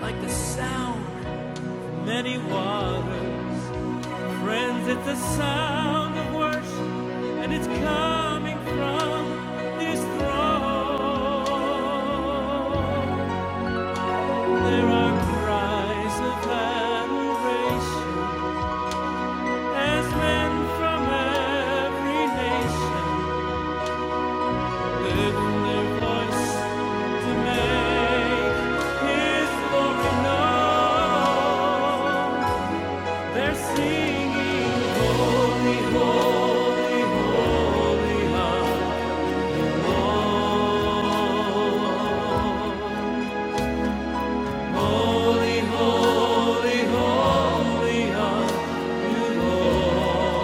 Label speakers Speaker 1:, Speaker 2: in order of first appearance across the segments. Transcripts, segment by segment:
Speaker 1: like the sound of many waters. Friends, it's the sound of worship, and it's coming from this throne. There are cries of adoration as men from every nation lift their voice to make His glory known. They're singing, Holy, Holy, Holy are the Lord. Holy, Holy, Holy are you, Lord.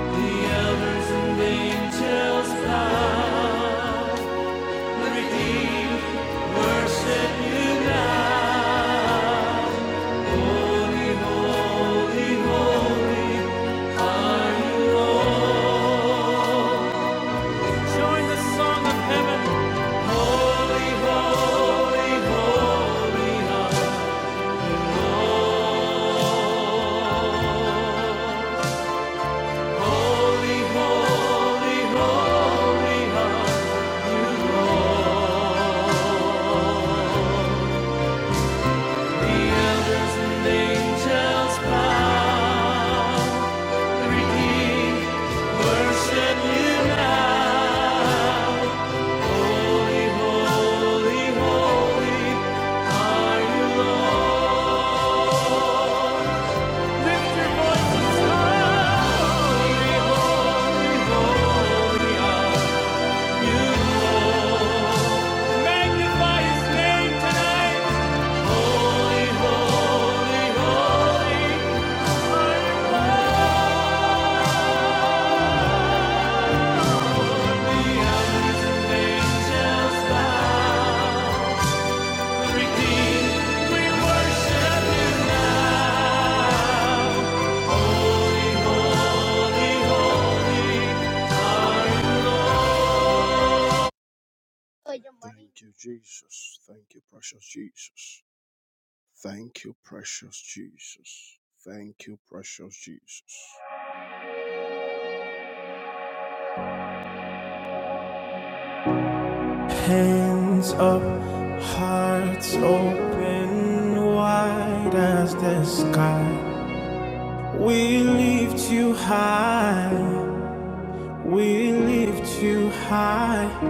Speaker 1: The elders and angels bow. The redeemed worship you now. Holy, Holy, Holy. Join the song of heaven. Holy, holy, holy are Lord. Holy, holy, holy are Lord. The elders and angels bow. Redeemed, worship you now. Thank you. Hands up, hearts open wide as the sky. We lift you high, we lift you high.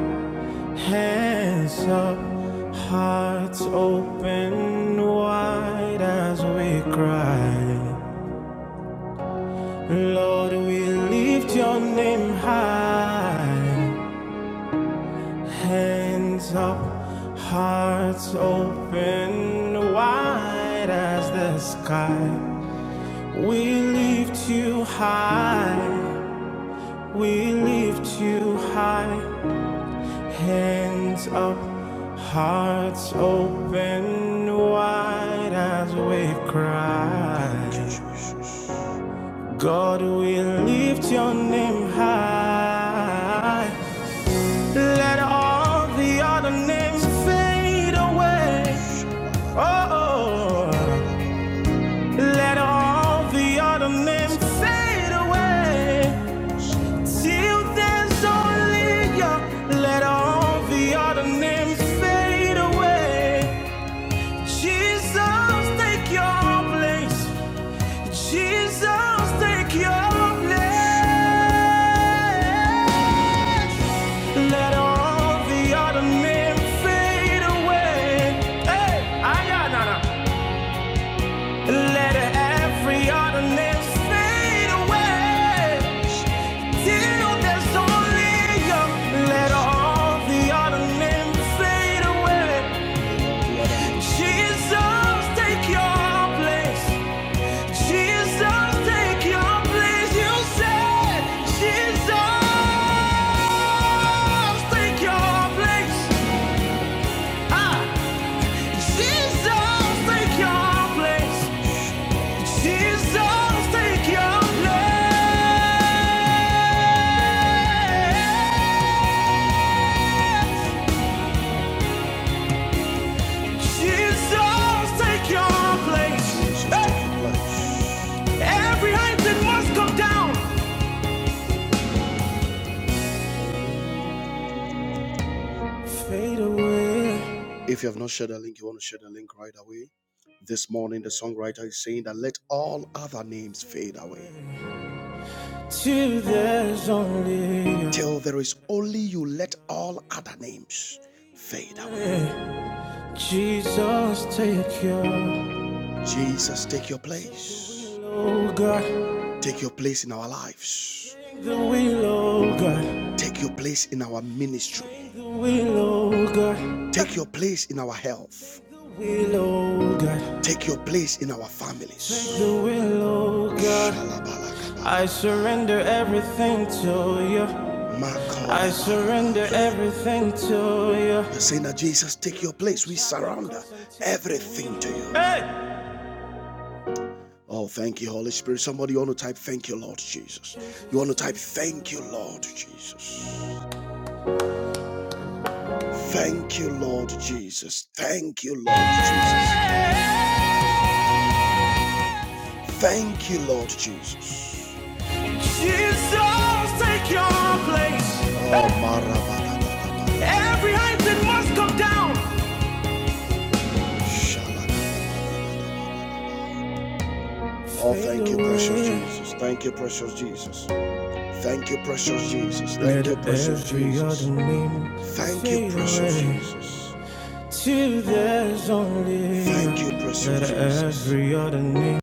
Speaker 1: Hands up, hearts open wide as we cry. Lord, we lift your name high. Hands up, hearts open wide as the sky. We lift you high. We lift you high. Hands up, hearts open wide as we cry. God, we lift your name high. Let all the other names fade away. Oh, let all the other names fade away. Till there's only you, let all the other names fade away. Jesus, take your place. Jesus, take your place. Let all the other names fade away. Hey, ayah, nah, nah. Let every other name fade away. Till there's only you. Let all the other men fade away. Jesus, take your place. Jesus, take your place. You said, Jesus, take your place. Ah, Jesus, take your place. Jesus, take your place. till there's only you. away. Jesus, take your will, oh God, the will, oh God, the will, oh God. will, oh God. Take the will, oh God. I surrender everything to you. I surrender everything to you. You're Hey! Jesus. Jesus, take your place. Every item must come down. Till there's only every other name.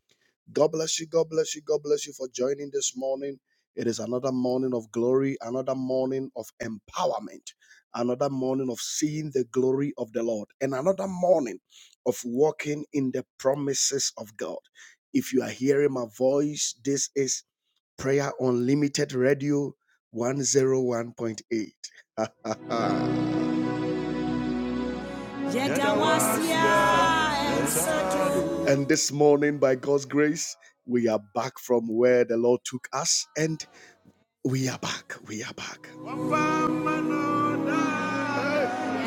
Speaker 1: Yadawasia,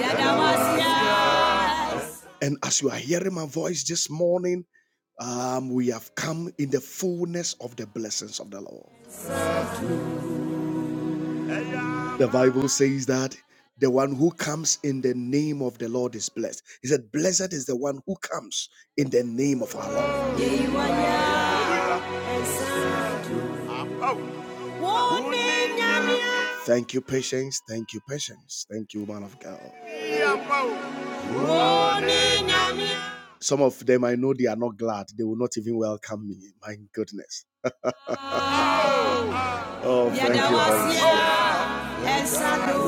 Speaker 1: Yadawasia, Yeiwaya, Woninya, Ensado,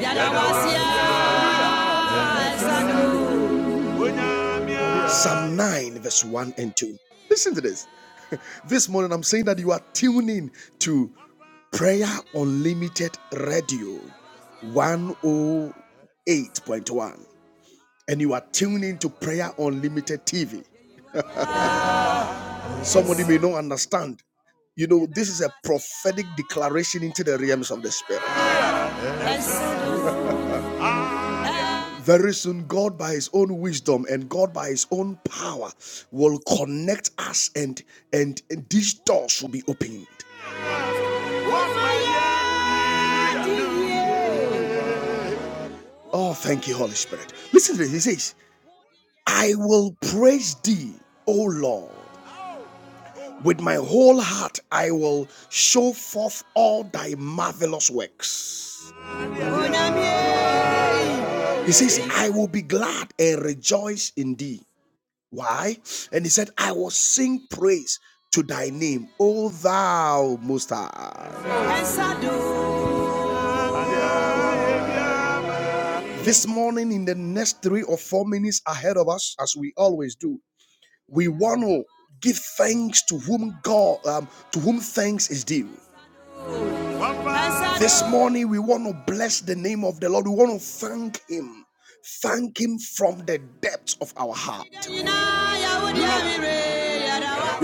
Speaker 1: Yalawasia, El Sadu, El Sadu, El Maya, Diye, Onamie, El Sadu, El Sadu, Yina, Yawudi, Amire, Yalawa-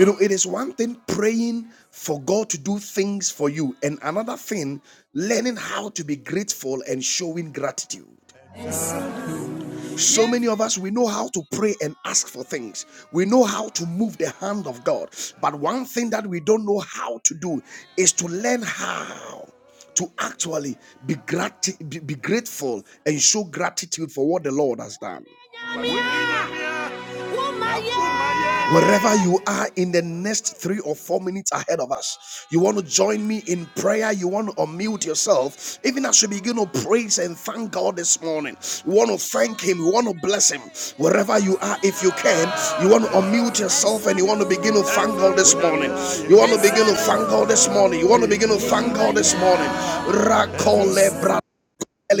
Speaker 1: Omaya, Begin to thank God this morning. Rakole bra.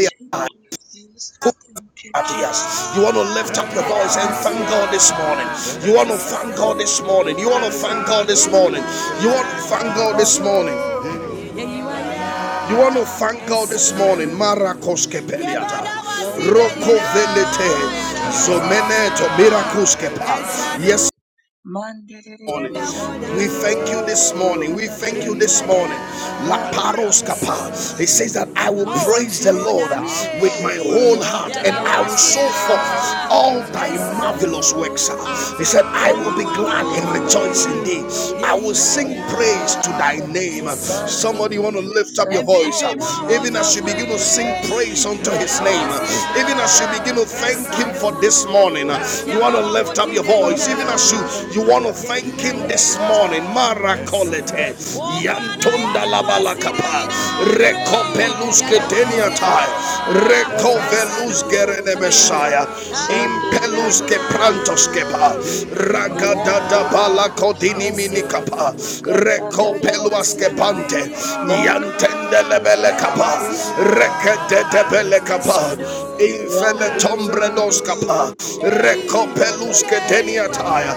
Speaker 2: Thank you, Jesus. Thank you,
Speaker 1: Yes.
Speaker 2: Jesus.
Speaker 1: You want to lift up your voice and thank God this morning. You want to thank God this morning. You want to thank God this morning. You want to thank
Speaker 2: Father, Lord, we thank you.
Speaker 1: you
Speaker 2: We
Speaker 1: want to
Speaker 2: thank
Speaker 1: thank
Speaker 2: you.
Speaker 1: God
Speaker 2: We
Speaker 1: this
Speaker 2: thank you.
Speaker 1: morning. Marakoskepe.
Speaker 2: Lord, we thank you this morning. We thank you for Lord. We thank you for everything. Man, did it, did it, son, did
Speaker 1: We
Speaker 2: it, and
Speaker 1: thank
Speaker 2: my
Speaker 1: you
Speaker 2: God,
Speaker 1: this
Speaker 2: da,
Speaker 1: morning.
Speaker 2: da,
Speaker 1: We
Speaker 2: da, da,
Speaker 1: thank
Speaker 2: da,
Speaker 1: you this
Speaker 2: da.
Speaker 1: morning. La paros kapa. It says that I
Speaker 2: Magadadadadashandiriya
Speaker 1: will praise the Lord uh,
Speaker 2: mandiririririri.
Speaker 1: with my whole heart and I will
Speaker 2: Randiririririri
Speaker 1: show forth
Speaker 2: shandiriya
Speaker 1: all thy marvelous works.
Speaker 2: magadadadadadada.
Speaker 1: uh. He said, I
Speaker 2: Thank
Speaker 1: will be
Speaker 2: you, Lord
Speaker 1: glad and
Speaker 2: Jesus.
Speaker 1: rejoice
Speaker 2: Thank
Speaker 1: in
Speaker 2: you, Lord
Speaker 1: thee. I will
Speaker 2: Jesus.
Speaker 1: sing
Speaker 2: Thank you,
Speaker 1: praise
Speaker 2: Lord
Speaker 1: to thy
Speaker 2: Jesus.
Speaker 1: name. Somebody want to
Speaker 2: Mandiririririri
Speaker 1: lift up your voice. uh,
Speaker 2: shandiriya
Speaker 1: Even as you begin to sing
Speaker 2: magadadada.
Speaker 1: praise unto his name his name.
Speaker 2: Magadadadadada
Speaker 1: Even as you begin to
Speaker 2: shandiriya
Speaker 1: thank him for this morning,
Speaker 2: mandiririririri.
Speaker 1: you want to lift up your
Speaker 2: Father,
Speaker 1: voice. Even
Speaker 2: Lord,
Speaker 1: as
Speaker 2: we
Speaker 1: you
Speaker 2: thank
Speaker 1: you
Speaker 2: you.
Speaker 1: want to
Speaker 2: ah.
Speaker 1: thank him
Speaker 2: Lord,
Speaker 1: this
Speaker 2: we
Speaker 1: morning.
Speaker 2: thank you. ah.
Speaker 1: Marakolete
Speaker 2: Lord, we thank you.
Speaker 1: yantunda
Speaker 2: Man, did
Speaker 1: labala
Speaker 2: it, it is
Speaker 1: kapa
Speaker 2: son, did it, ah, ah, ah,
Speaker 1: rekopelus
Speaker 2: ah,
Speaker 1: ketenia
Speaker 2: ah, ah.
Speaker 1: tai
Speaker 2: Ma- da- da- da- da- da- da-
Speaker 1: rekovelus
Speaker 2: da- da- da-
Speaker 1: gerene
Speaker 2: da- da.
Speaker 1: messiah
Speaker 2: Shan, did it, ah,
Speaker 1: impelus ke
Speaker 2: man, did it,
Speaker 1: prantos
Speaker 2: did it, did it,
Speaker 1: kepa
Speaker 2: did it. Ram,
Speaker 1: ragadada
Speaker 2: did it, did it,
Speaker 1: bala
Speaker 2: did it,
Speaker 1: kodini
Speaker 2: son,
Speaker 1: mini
Speaker 2: did it, ah,
Speaker 1: kapa
Speaker 2: ma- ga- da-
Speaker 1: reko
Speaker 2: da- da- da- da-
Speaker 1: peluas
Speaker 2: da- da.
Speaker 1: kepante
Speaker 2: Ma- ga- da- da-
Speaker 1: yantende
Speaker 2: da- da- da-
Speaker 1: lebele
Speaker 2: son,
Speaker 1: kapa
Speaker 2: did it, ah, man, did
Speaker 1: rekete
Speaker 2: it, did it.
Speaker 1: tebele kapa infele
Speaker 2: Heavenly
Speaker 1: tombredos kapa reko pelus ke deniataya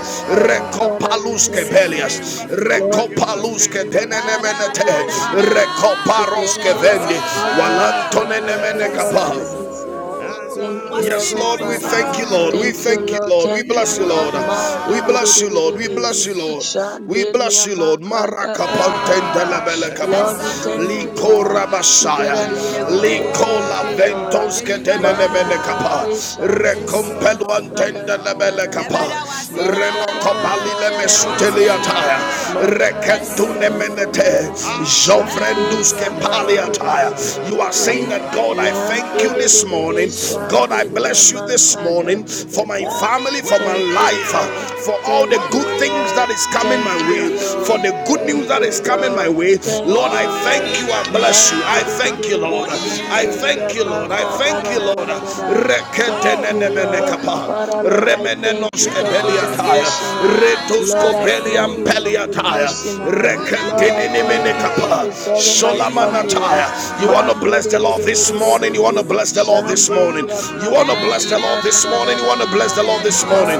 Speaker 1: reko
Speaker 2: Father, we
Speaker 1: palus ke
Speaker 2: thank
Speaker 1: pelias
Speaker 2: you. Lord,
Speaker 1: reko
Speaker 2: we thank
Speaker 1: palus ke
Speaker 2: you, we thank you,
Speaker 1: denenemenete
Speaker 2: we thank you.
Speaker 1: reko paros
Speaker 2: Together
Speaker 1: ke
Speaker 2: with
Speaker 1: vendi
Speaker 2: our family, we say
Speaker 1: walantone
Speaker 2: thank you,
Speaker 1: nemene
Speaker 2: Lord
Speaker 1: kapa
Speaker 2: Jesus. uh. Thank you,
Speaker 1: Yes,
Speaker 2: Heavenly
Speaker 1: Lord, we
Speaker 2: Father.
Speaker 1: thank you, Lord. We
Speaker 2: Thank you,
Speaker 1: thank you,
Speaker 2: Lord.
Speaker 1: Lord. We
Speaker 2: Thank you,
Speaker 1: bless you,
Speaker 2: Lord.
Speaker 1: Lord.
Speaker 2: Man, de
Speaker 1: We
Speaker 2: de de
Speaker 1: bless
Speaker 2: de
Speaker 1: you,
Speaker 2: de
Speaker 1: Lord.
Speaker 2: de
Speaker 1: We
Speaker 2: de.
Speaker 1: bless you, Lord. We bless
Speaker 2: Shandelia,
Speaker 1: you, Lord.
Speaker 2: man, God, da
Speaker 1: Maraka
Speaker 2: da da da
Speaker 1: pantendele
Speaker 2: da.
Speaker 1: belekapa.
Speaker 2: Lord, we thank you.
Speaker 1: Liko
Speaker 2: uh.
Speaker 1: rabashaya.
Speaker 2: Together here, we say
Speaker 1: Liko
Speaker 2: thank
Speaker 1: la
Speaker 2: you, Lord. uh.
Speaker 1: ventonske tenene
Speaker 2: Mandirere
Speaker 1: belekapa.
Speaker 2: shandiriya
Speaker 1: Recompelo antendele
Speaker 2: magarararara
Speaker 1: belekapa. Renokopali le
Speaker 2: magarararararara
Speaker 1: mesuteliataya. Reketune menete.
Speaker 2: magarararararara shandiriya mandirere
Speaker 1: You are saying that God, I thank you this
Speaker 2: ramdirere
Speaker 1: morning. God, I
Speaker 2: shandiriya
Speaker 1: bless you this
Speaker 2: manga da,
Speaker 1: morning
Speaker 2: da da
Speaker 1: for my
Speaker 2: da.
Speaker 1: family, for my
Speaker 2: Thank you
Speaker 1: life, uh,
Speaker 2: Lord
Speaker 1: for all the
Speaker 2: Thank
Speaker 1: good
Speaker 2: you
Speaker 1: things that
Speaker 2: Lord
Speaker 1: is coming my
Speaker 2: Thank you
Speaker 1: way, for
Speaker 2: Lord
Speaker 1: the good news
Speaker 2: Thank
Speaker 1: that
Speaker 2: you
Speaker 1: is coming my
Speaker 2: Lord
Speaker 1: way.
Speaker 2: Thank
Speaker 1: Lord,
Speaker 2: you
Speaker 1: I thank
Speaker 2: Lord
Speaker 1: you. I bless you. I thank you, Lord. I thank you, Lord. I thank you, Lord
Speaker 2: Mandiriririshandiriyamakadararararara. Thank you, Lord. Father, Lord, I
Speaker 1: remenenos
Speaker 2: thank you for
Speaker 1: kepeliataya,
Speaker 2: preservation. ah.
Speaker 1: retos
Speaker 2: Lord, I
Speaker 1: kopeliam
Speaker 2: thank you for
Speaker 1: peliataya,
Speaker 2: protection. ah. Lord, I thank you for
Speaker 1: rekentininimenikapa,
Speaker 2: preserving my family. ah.
Speaker 1: sholamanataya. You want to bless the Lord this morning, you want to bless the Lord this morning, you want to bless the Lord this morning, you
Speaker 2: Mandiriririshandiriyamakadararararara.
Speaker 1: want to bless the Lord
Speaker 3: Yes,
Speaker 1: this morning.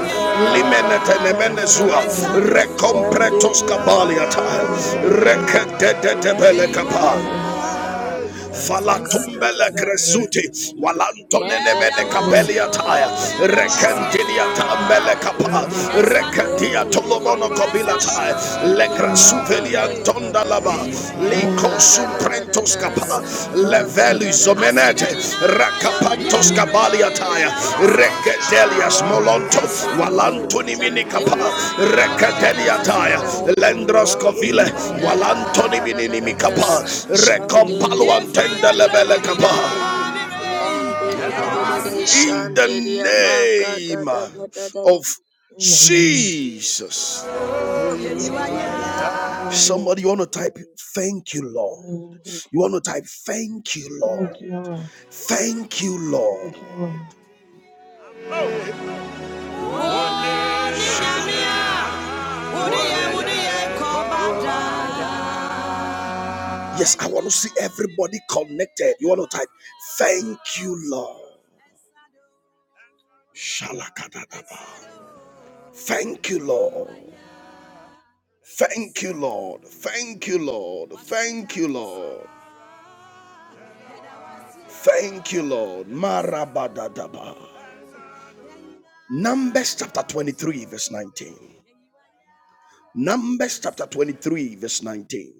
Speaker 1: Limenetenemenezua, recompretos
Speaker 2: Shandiria
Speaker 1: kabaliataya,
Speaker 2: mandiririririri. Rande re re re
Speaker 1: reketetetebelekapa.
Speaker 2: re re shande ria maka da da
Speaker 1: Falatumbele
Speaker 2: da.
Speaker 1: Cresuti,
Speaker 2: Shandelia
Speaker 1: Walantomenemene Capelia Tire, Recantilia
Speaker 2: man,
Speaker 1: Tambele Capa, Recantia Tolomono Copila Tire, Lecrasuvelian Tondalaba, Lico Suprentos Capa, Level. Luzomenete, Rakapantos Kabaliataya, Rekadelias Molonto, Walantoni
Speaker 3: In
Speaker 1: Minikapa,
Speaker 3: the name of
Speaker 1: Rekadeliataya, Lendros Kovile, Walantoni Minimikapa,
Speaker 2: did
Speaker 1: Recompaluantendele Kapa.
Speaker 2: it ram de de de de de de
Speaker 1: In
Speaker 2: shan
Speaker 1: the
Speaker 2: de de ya ma da da
Speaker 1: name
Speaker 2: da da da da
Speaker 1: of
Speaker 2: Oh,
Speaker 3: Jesus.
Speaker 2: Jesus.
Speaker 1: Jesus.
Speaker 2: Thank you, Jesus.
Speaker 3: Hallelujah. Hallelujah.
Speaker 1: Somebody, you want to type, Thank you, Lord.
Speaker 3: Hallelujah.
Speaker 1: You want to type, Thank you, Lord.
Speaker 3: Thank you, Lord.
Speaker 1: Thank you, Lord.
Speaker 3: Thank you, Lord.
Speaker 1: Yes, I want to see everybody connected. You want to type, Thank you, Lord. Thank you, Lord. Thank you, Lord. Thank you, Lord. Thank you, Lord. Thank you, Lord. Marabadadaba. Numbers chapter 23, verse 19. Numbers chapter 23, verse 19.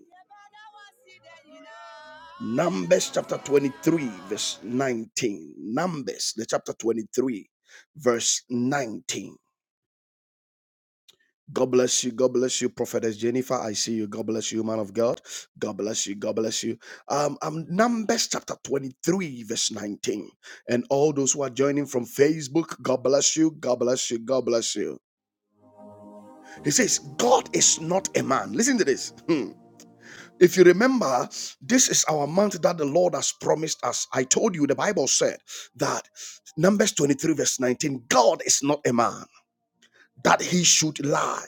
Speaker 1: Numbers chapter 23, verse 19. Numbers, the chapter 23, verse 19. God bless you. God bless you, Prophetess Jennifer. I see you. God bless you, man of God. God bless you. God bless you. Um, I'm number. If you remember, this is month has promised us. Paul said that Numbers 23, verse 19. God is not that he should lie,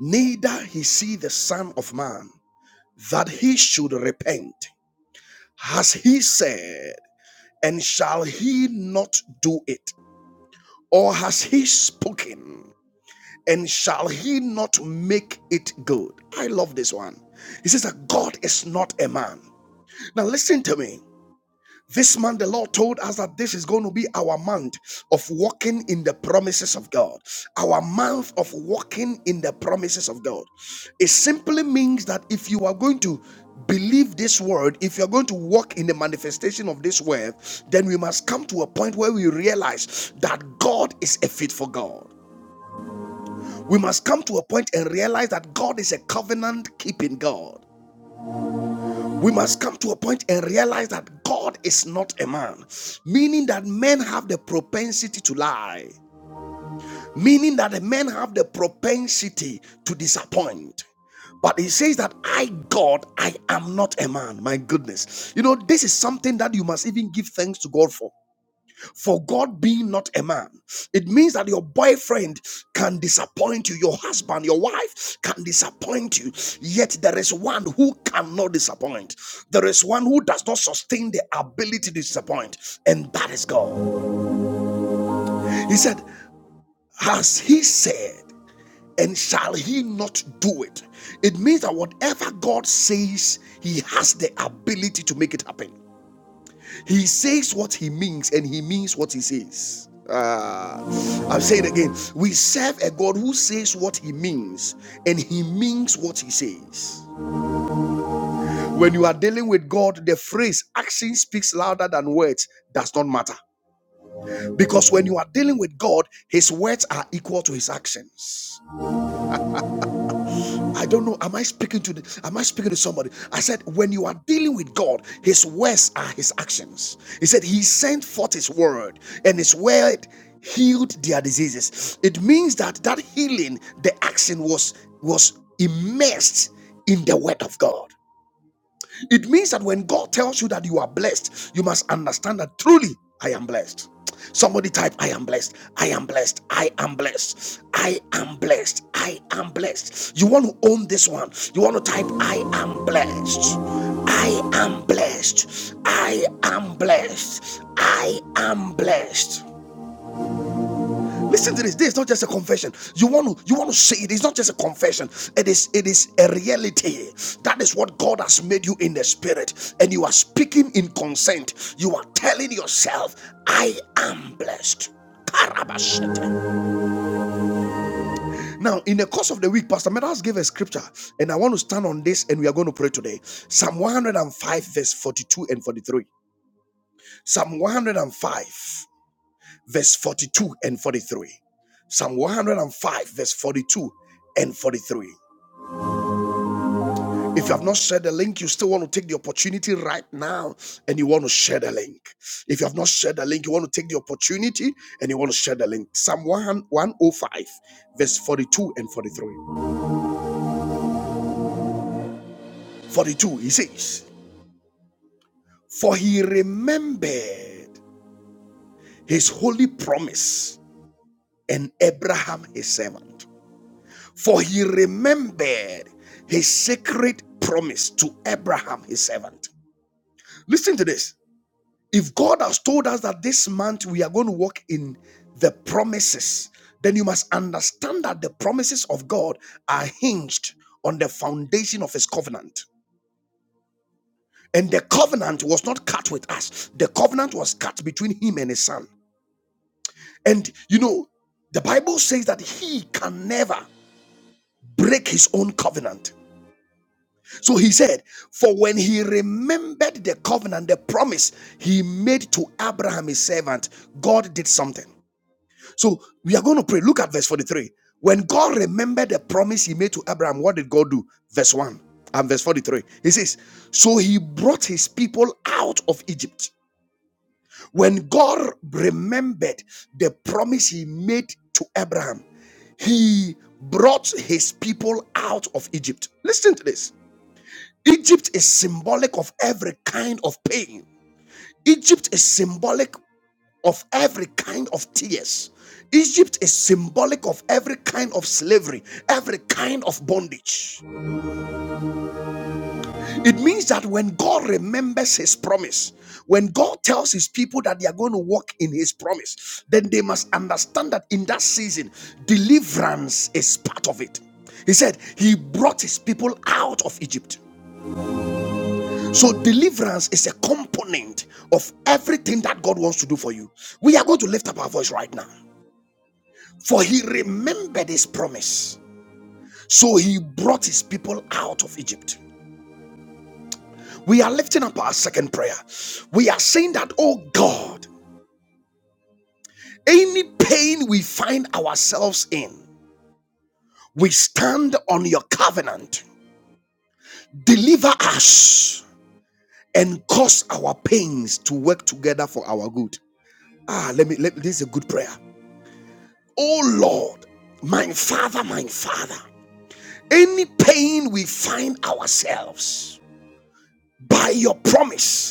Speaker 1: neither he see the Son of Man that he should repent. Has he said, and shall he not do it? Or has he spoken, and shall he not make it good? I love this one. He says that God is not a man. Now, listen to me. This month, the Lord told us that this is going to be our month of walking in the promises of God. Our month of walking in the promises of God. It simply means that if you are going to believe this word, if you are going to walk in the manifestation of this word, then we must come to a point where we realize that God is a faithful God. We must come to a point and realize that God is a covenant keeping God. We must come to a point and realize that God is not a man, meaning that men have the propensity to lie, meaning that men have the propensity to disappoint. But he says that I, God, I am not a man. My goodness. You know, this is something that you must even give thanks to God for for God being not a man. It means that your boyfriend can disappoint you, your husband, your wife can disappoint you, yet there is one who cannot disappoint. There is one who does not sustain the ability to disappoint, and that is God. He said, Has He said, and shall He not do it? It means that whatever God says, He has the ability to make it happen. He says what he means and he means what he says. Ah, I'll say it again. We serve a God who says what he means and he means what he says. When you are dealing with God, the phrase action speaks louder than words does not matter. Because when you are dealing with God, his words are equal to his actions. I don't know. Am I speaking to the, am I speaking to somebody? I said, when you are dealing with God, his words are his actions. He said he sent forth his word, and his word healed their diseases. It means that that healing, the action was was immersed in the word of God. It means that when God tells you that you are blessed, you must understand that truly I am blessed. Somebody type, I am blessed. I am blessed. I am blessed. I am blessed. I am blessed. You want to own this one. You want to type, I am blessed. I am blessed. I am blessed. I am blessed. Listen to this. This is not just a confession. You want to you want to say it is not just a confession. It is it is a reality. That is what God has made you in the spirit, and you are speaking in consent. You are telling yourself, "I am blessed." Now, in the course of the week, Pastor Meadows gave a scripture, and I want to stand on this, and we are going to pray today. Psalm 105, verse 42 and 43. Psalm 105. verse 42 and 43. Psalm 105, verse 42 and 43. If you have not shared the link, you still want to take the opportunity right now and you want to share the link. If you have not shared the link, you want to take the opportunity and you want to share the link. Psalm 100 105, verse 42 and 43. 42, he says, For he remembered his holy promise and Abraham his servant For he remembered his sacred promise to Abraham, his servant. Listen to this. If God has told us that this month we are going to walk in the promises, then you must understand that the promises of God are hinged on the foundation of his covenant. And the covenant was not cut with us, the covenant was cut between him and his son. And you know, the Bible says that he can never break his own covenant. So he said, For when he remembered the covenant, the promise he made to Abraham, his servant, God did something. So we are going to pray. Look at verse 43. When God remembered the promise he made to Abraham, what did God do? Verse 1 and verse 43. He says, So he brought his people out of Egypt. When God remembered the promise he made to Abraham, he brought his people out of Egypt. Listen to this. Egypt is symbolic of every kind of pain. Egypt is symbolic of every kind of tears. Egypt is symbolic of every kind of slavery, every kind of bondage. It means that when God remembers his promise, when God tells his people that they are going to walk in his promise, then they must understand that in that season, deliverance is part of it. He said, He brought his people out of Egypt. So, deliverance is a component of everything that God wants to do for you. We are going to lift up our voice right now. For he remembered his promise. So he brought his people out of Egypt. We are lifting up our second prayer. We are saying that, oh God, any pain we find ourselves in, we stand on your covenant. Deliver us and cause our pains to work together for our good. Ah, let me let this is a good prayer. Oh Lord, my Father, my Father, any pain we find ourselves by your promise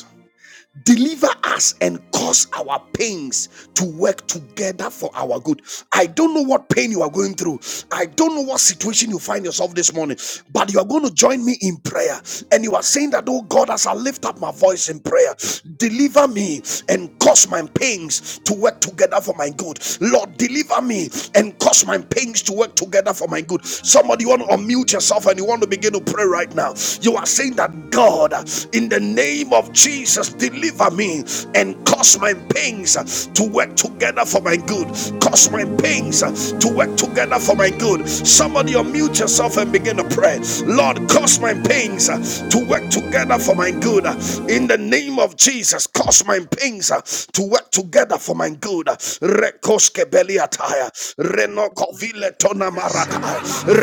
Speaker 1: deliver us and cause our pains to work together for our good. I don't know what pain you are going through. I don't know what situation you find yourself this morning, but you are going to join me in prayer. And you are saying that, oh God, as I lift up my voice in prayer, deliver me and cause my pains to work together for my good. Lord, deliver me and cause my pains to work together for my good. Somebody, you want to unmute yourself and you want to begin to pray right now. You are saying that, God, in the the name of Jesus, deliver me and cause my pains to work together for my good. Cause my pains to work together for my good. Somebody unmute yourself and begin to pray. Lord, cause my pains to work together for my good. In the name of Jesus, cause my pains to work together for my good. Rekoske beliataya, renoko tona maraka,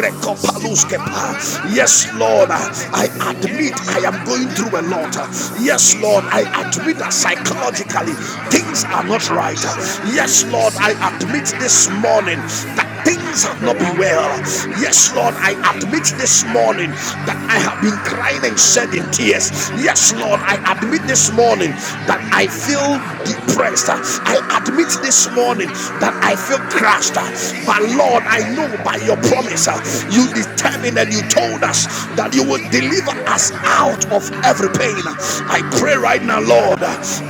Speaker 1: rekopalus
Speaker 2: de
Speaker 1: kepa. Yes,
Speaker 2: de
Speaker 1: Lord,
Speaker 2: aman de
Speaker 1: I
Speaker 2: de
Speaker 1: add
Speaker 2: de de de de. Ram de de de de
Speaker 1: admit I
Speaker 2: shan
Speaker 1: am going
Speaker 2: de de
Speaker 1: through a
Speaker 2: ya
Speaker 1: lot.
Speaker 2: ma da da da
Speaker 1: Yes,
Speaker 2: da
Speaker 1: Lord, I
Speaker 2: da da da
Speaker 1: admit that psychologically
Speaker 2: ma da da
Speaker 1: things
Speaker 2: da
Speaker 1: are not
Speaker 2: da da
Speaker 1: right.
Speaker 2: shan de
Speaker 1: Yes,
Speaker 2: de ya
Speaker 1: Lord,
Speaker 2: ma
Speaker 1: I
Speaker 2: de de
Speaker 1: admit
Speaker 2: de de
Speaker 1: this morning that things have not been
Speaker 2: ram de
Speaker 1: well.
Speaker 2: de de de de
Speaker 1: Yes, Lord,
Speaker 2: shan
Speaker 1: I
Speaker 2: de de ya
Speaker 1: admit
Speaker 2: ma
Speaker 1: this
Speaker 2: da da
Speaker 1: morning
Speaker 2: da da
Speaker 1: that I
Speaker 2: da
Speaker 1: have
Speaker 2: da
Speaker 1: been crying and
Speaker 2: Ram
Speaker 1: shedding tears. Yes, Lord, I admit this morning that I feel depressed. I admit this morning that I feel crushed. But Lord, I know by your promise, you determined and you told us, that you will deliver us out of every pain. I pray right now, Lord,